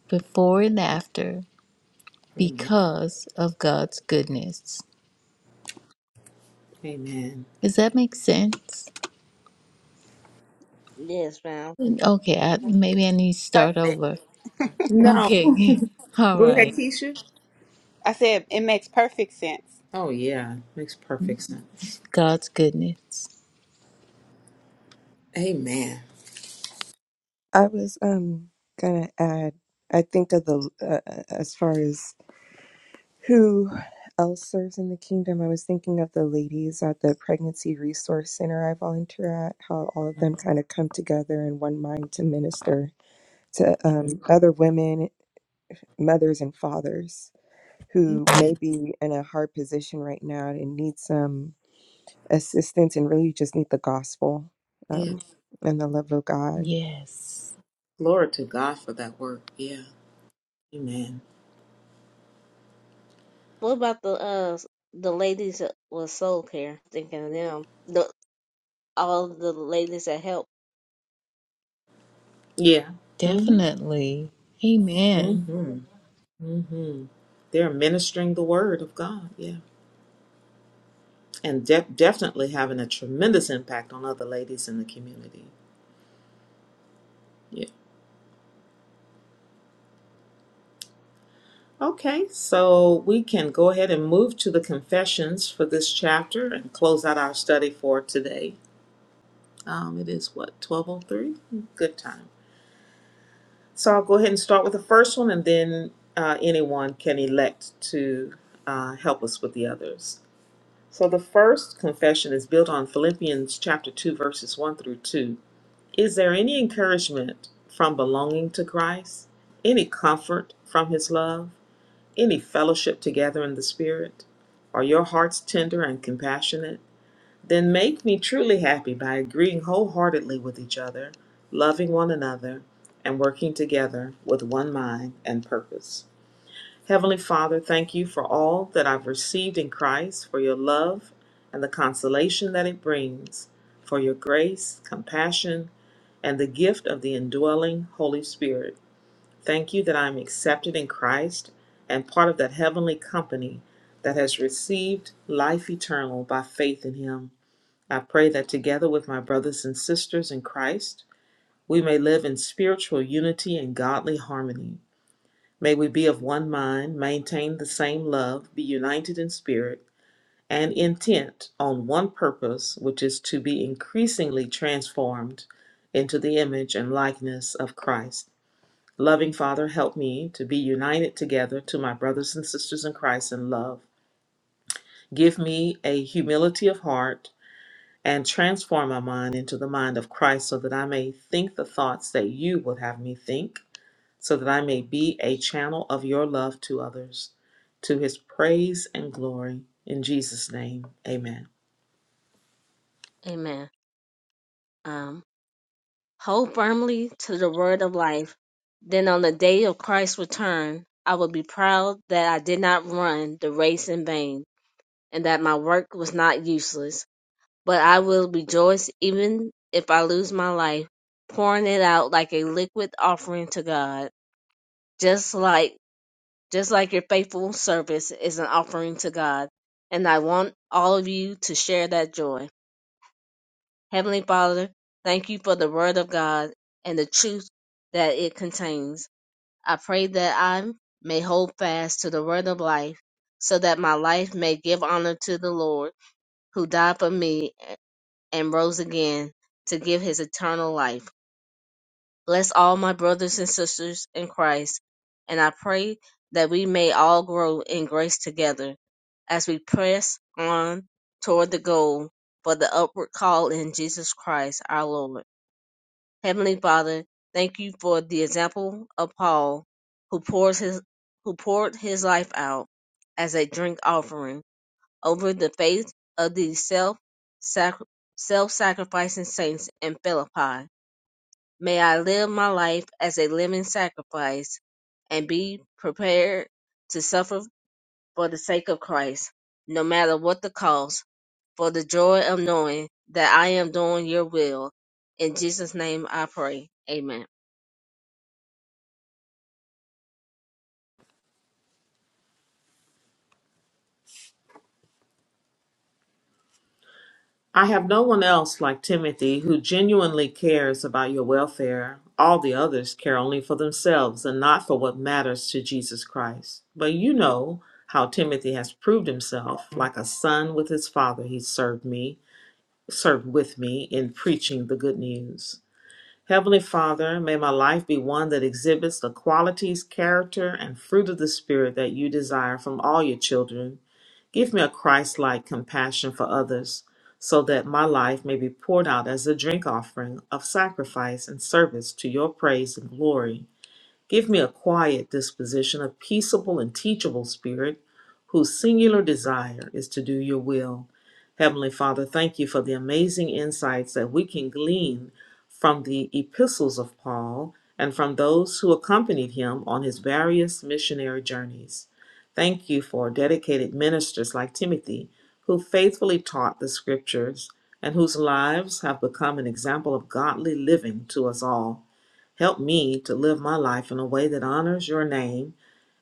Speaker 2: before and after
Speaker 1: Amen.
Speaker 2: because of God's goodness.
Speaker 1: Amen.
Speaker 2: Does that make sense?
Speaker 3: Yes, ma'am.
Speaker 2: Okay, I, maybe I need to start
Speaker 4: Perfect.
Speaker 2: over.
Speaker 1: No.
Speaker 2: Okay, all
Speaker 1: Go ahead,
Speaker 2: right.
Speaker 1: Keisha.
Speaker 4: I said it makes perfect sense.
Speaker 1: Oh, yeah. Makes perfect sense.
Speaker 2: God's goodness.
Speaker 1: Amen.
Speaker 5: i was um gonna add i think of the uh, uh, as far as who else serves in the kingdom. I was thinking of the ladies at the pregnancy resource center I volunteer at, how all of them kind of come together in one mind to minister to um, other women, mothers, and fathers who may be in a hard position right now and need some assistance and really you just need the gospel
Speaker 1: Yeah.
Speaker 5: um, and the love of God.
Speaker 2: Yes,
Speaker 1: Glory to God for that work. Yeah. Amen.
Speaker 3: What about the uh the ladies that was soul care? Thinking of them, the all the ladies that help.
Speaker 1: Yeah. Mm-hmm.
Speaker 2: definitely. Amen.
Speaker 1: Mm-hmm. Mm-hmm. They're ministering the word of God. Yeah. And de- definitely having a tremendous impact on other ladies in the community. Yeah. Okay. So we can go ahead and move to the confessions for this chapter and close out our study for today. Um, it is what, 1203? Good time. So I'll go ahead and start with the first one, and then uh, anyone can elect to uh, help us with the others. So the first confession is built on Philippians chapter 2, verses 1 through 2. Is there any encouragement from belonging to Christ? Any comfort from his love? Any fellowship together in the Spirit? Are your hearts tender and compassionate? Then make me truly happy by agreeing wholeheartedly with each other, loving one another, and working together with one mind and purpose. Heavenly Father, thank you for all that I've received in Christ, for your love and the consolation that it brings, for your grace, compassion, and the gift of the indwelling Holy Spirit. Thank you that I'm accepted in Christ and part of that heavenly company that has received life eternal by faith in Him. I pray that together with my brothers and sisters in Christ, we may live in spiritual unity and godly harmony. May we be of one mind, maintain the same love, be united in spirit and intent on one purpose, which is to be increasingly transformed into the image and likeness of Christ. Loving Father, help me to be united together to my brothers and sisters in Christ in love. Give me a humility of heart and transform my mind into the mind of Christ so that I may think the thoughts that you would have me think, so that I may be a channel of your love to others, to his praise and glory. In Jesus' name, amen.
Speaker 3: Amen. Um. Hold firmly to the word of life. Then on the day of Christ's return, I will be proud that I did not run the race in vain and that my work was not useless. But I will rejoice even if I lose my life, pouring it out like a liquid offering to God. Just like, just like your faithful service is an offering to God. And I want all of you to share that joy. Heavenly Father, thank you for the Word of God and the truth that it contains. I pray that I may hold fast to the Word of life, so that my life may give honor to the Lord, who died for me and rose again to give his eternal life. Bless all my brothers and sisters in Christ, and I pray that we may all grow in grace together as we press on toward the goal for the upward call in Jesus Christ our Lord. Heavenly Father, thank you for the example of Paul who pours his who poured his life out as a drink offering over the faith of the self self sacrificing saints in Philippi. May I live my life as a living sacrifice and be prepared to suffer for the sake of Christ, no matter what the cost, for the joy of knowing that I am doing your will. In Jesus' name I pray. Amen.
Speaker 1: I have no one else like Timothy who genuinely cares about your welfare. All the others care only for themselves and not for what matters to Jesus Christ. But you know how Timothy has proved himself like a son with his father, he served me. served with me in preaching the good news. Heavenly Father, may my life be one that exhibits the qualities, character, and fruit of the Spirit that you desire from all your children. Give me a Christ like compassion for others, so that my life may be poured out as a drink offering of sacrifice and service to your praise and glory. Give me a quiet disposition, a peaceable and teachable spirit, whose singular desire is to do your will. Heavenly Father, thank you for the amazing insights that we can glean from the epistles of Paul and from those who accompanied him on his various missionary journeys. Thank you for dedicated ministers like Timothy, who faithfully taught the scriptures and whose lives have become an example of godly living to us all. Help me to live my life in a way that honors your name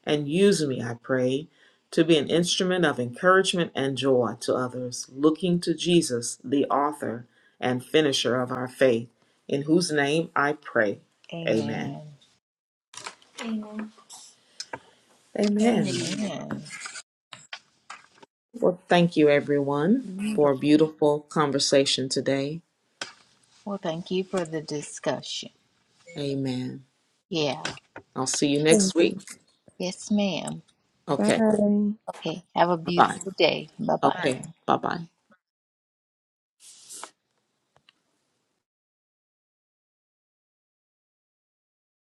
Speaker 1: and use me, I pray, to be an instrument of encouragement and joy to others, looking to Jesus, the author and finisher of our faith, in whose name I pray. Amen.
Speaker 2: Amen.
Speaker 1: Amen. Amen.
Speaker 3: Amen.
Speaker 2: Amen.
Speaker 1: Well, thank you, everyone, for a beautiful conversation today.
Speaker 2: Well, thank you for the discussion.
Speaker 3: That's
Speaker 1: Amen.
Speaker 2: Yeah.
Speaker 1: I'll see you
Speaker 5: Yes.
Speaker 1: next week.
Speaker 2: Yes, ma'am.
Speaker 1: Okay.
Speaker 5: Bye.
Speaker 2: Okay, have a
Speaker 1: Bye bye.
Speaker 2: beautiful day. Bye bye.
Speaker 3: right.
Speaker 1: Okay. Bye bye.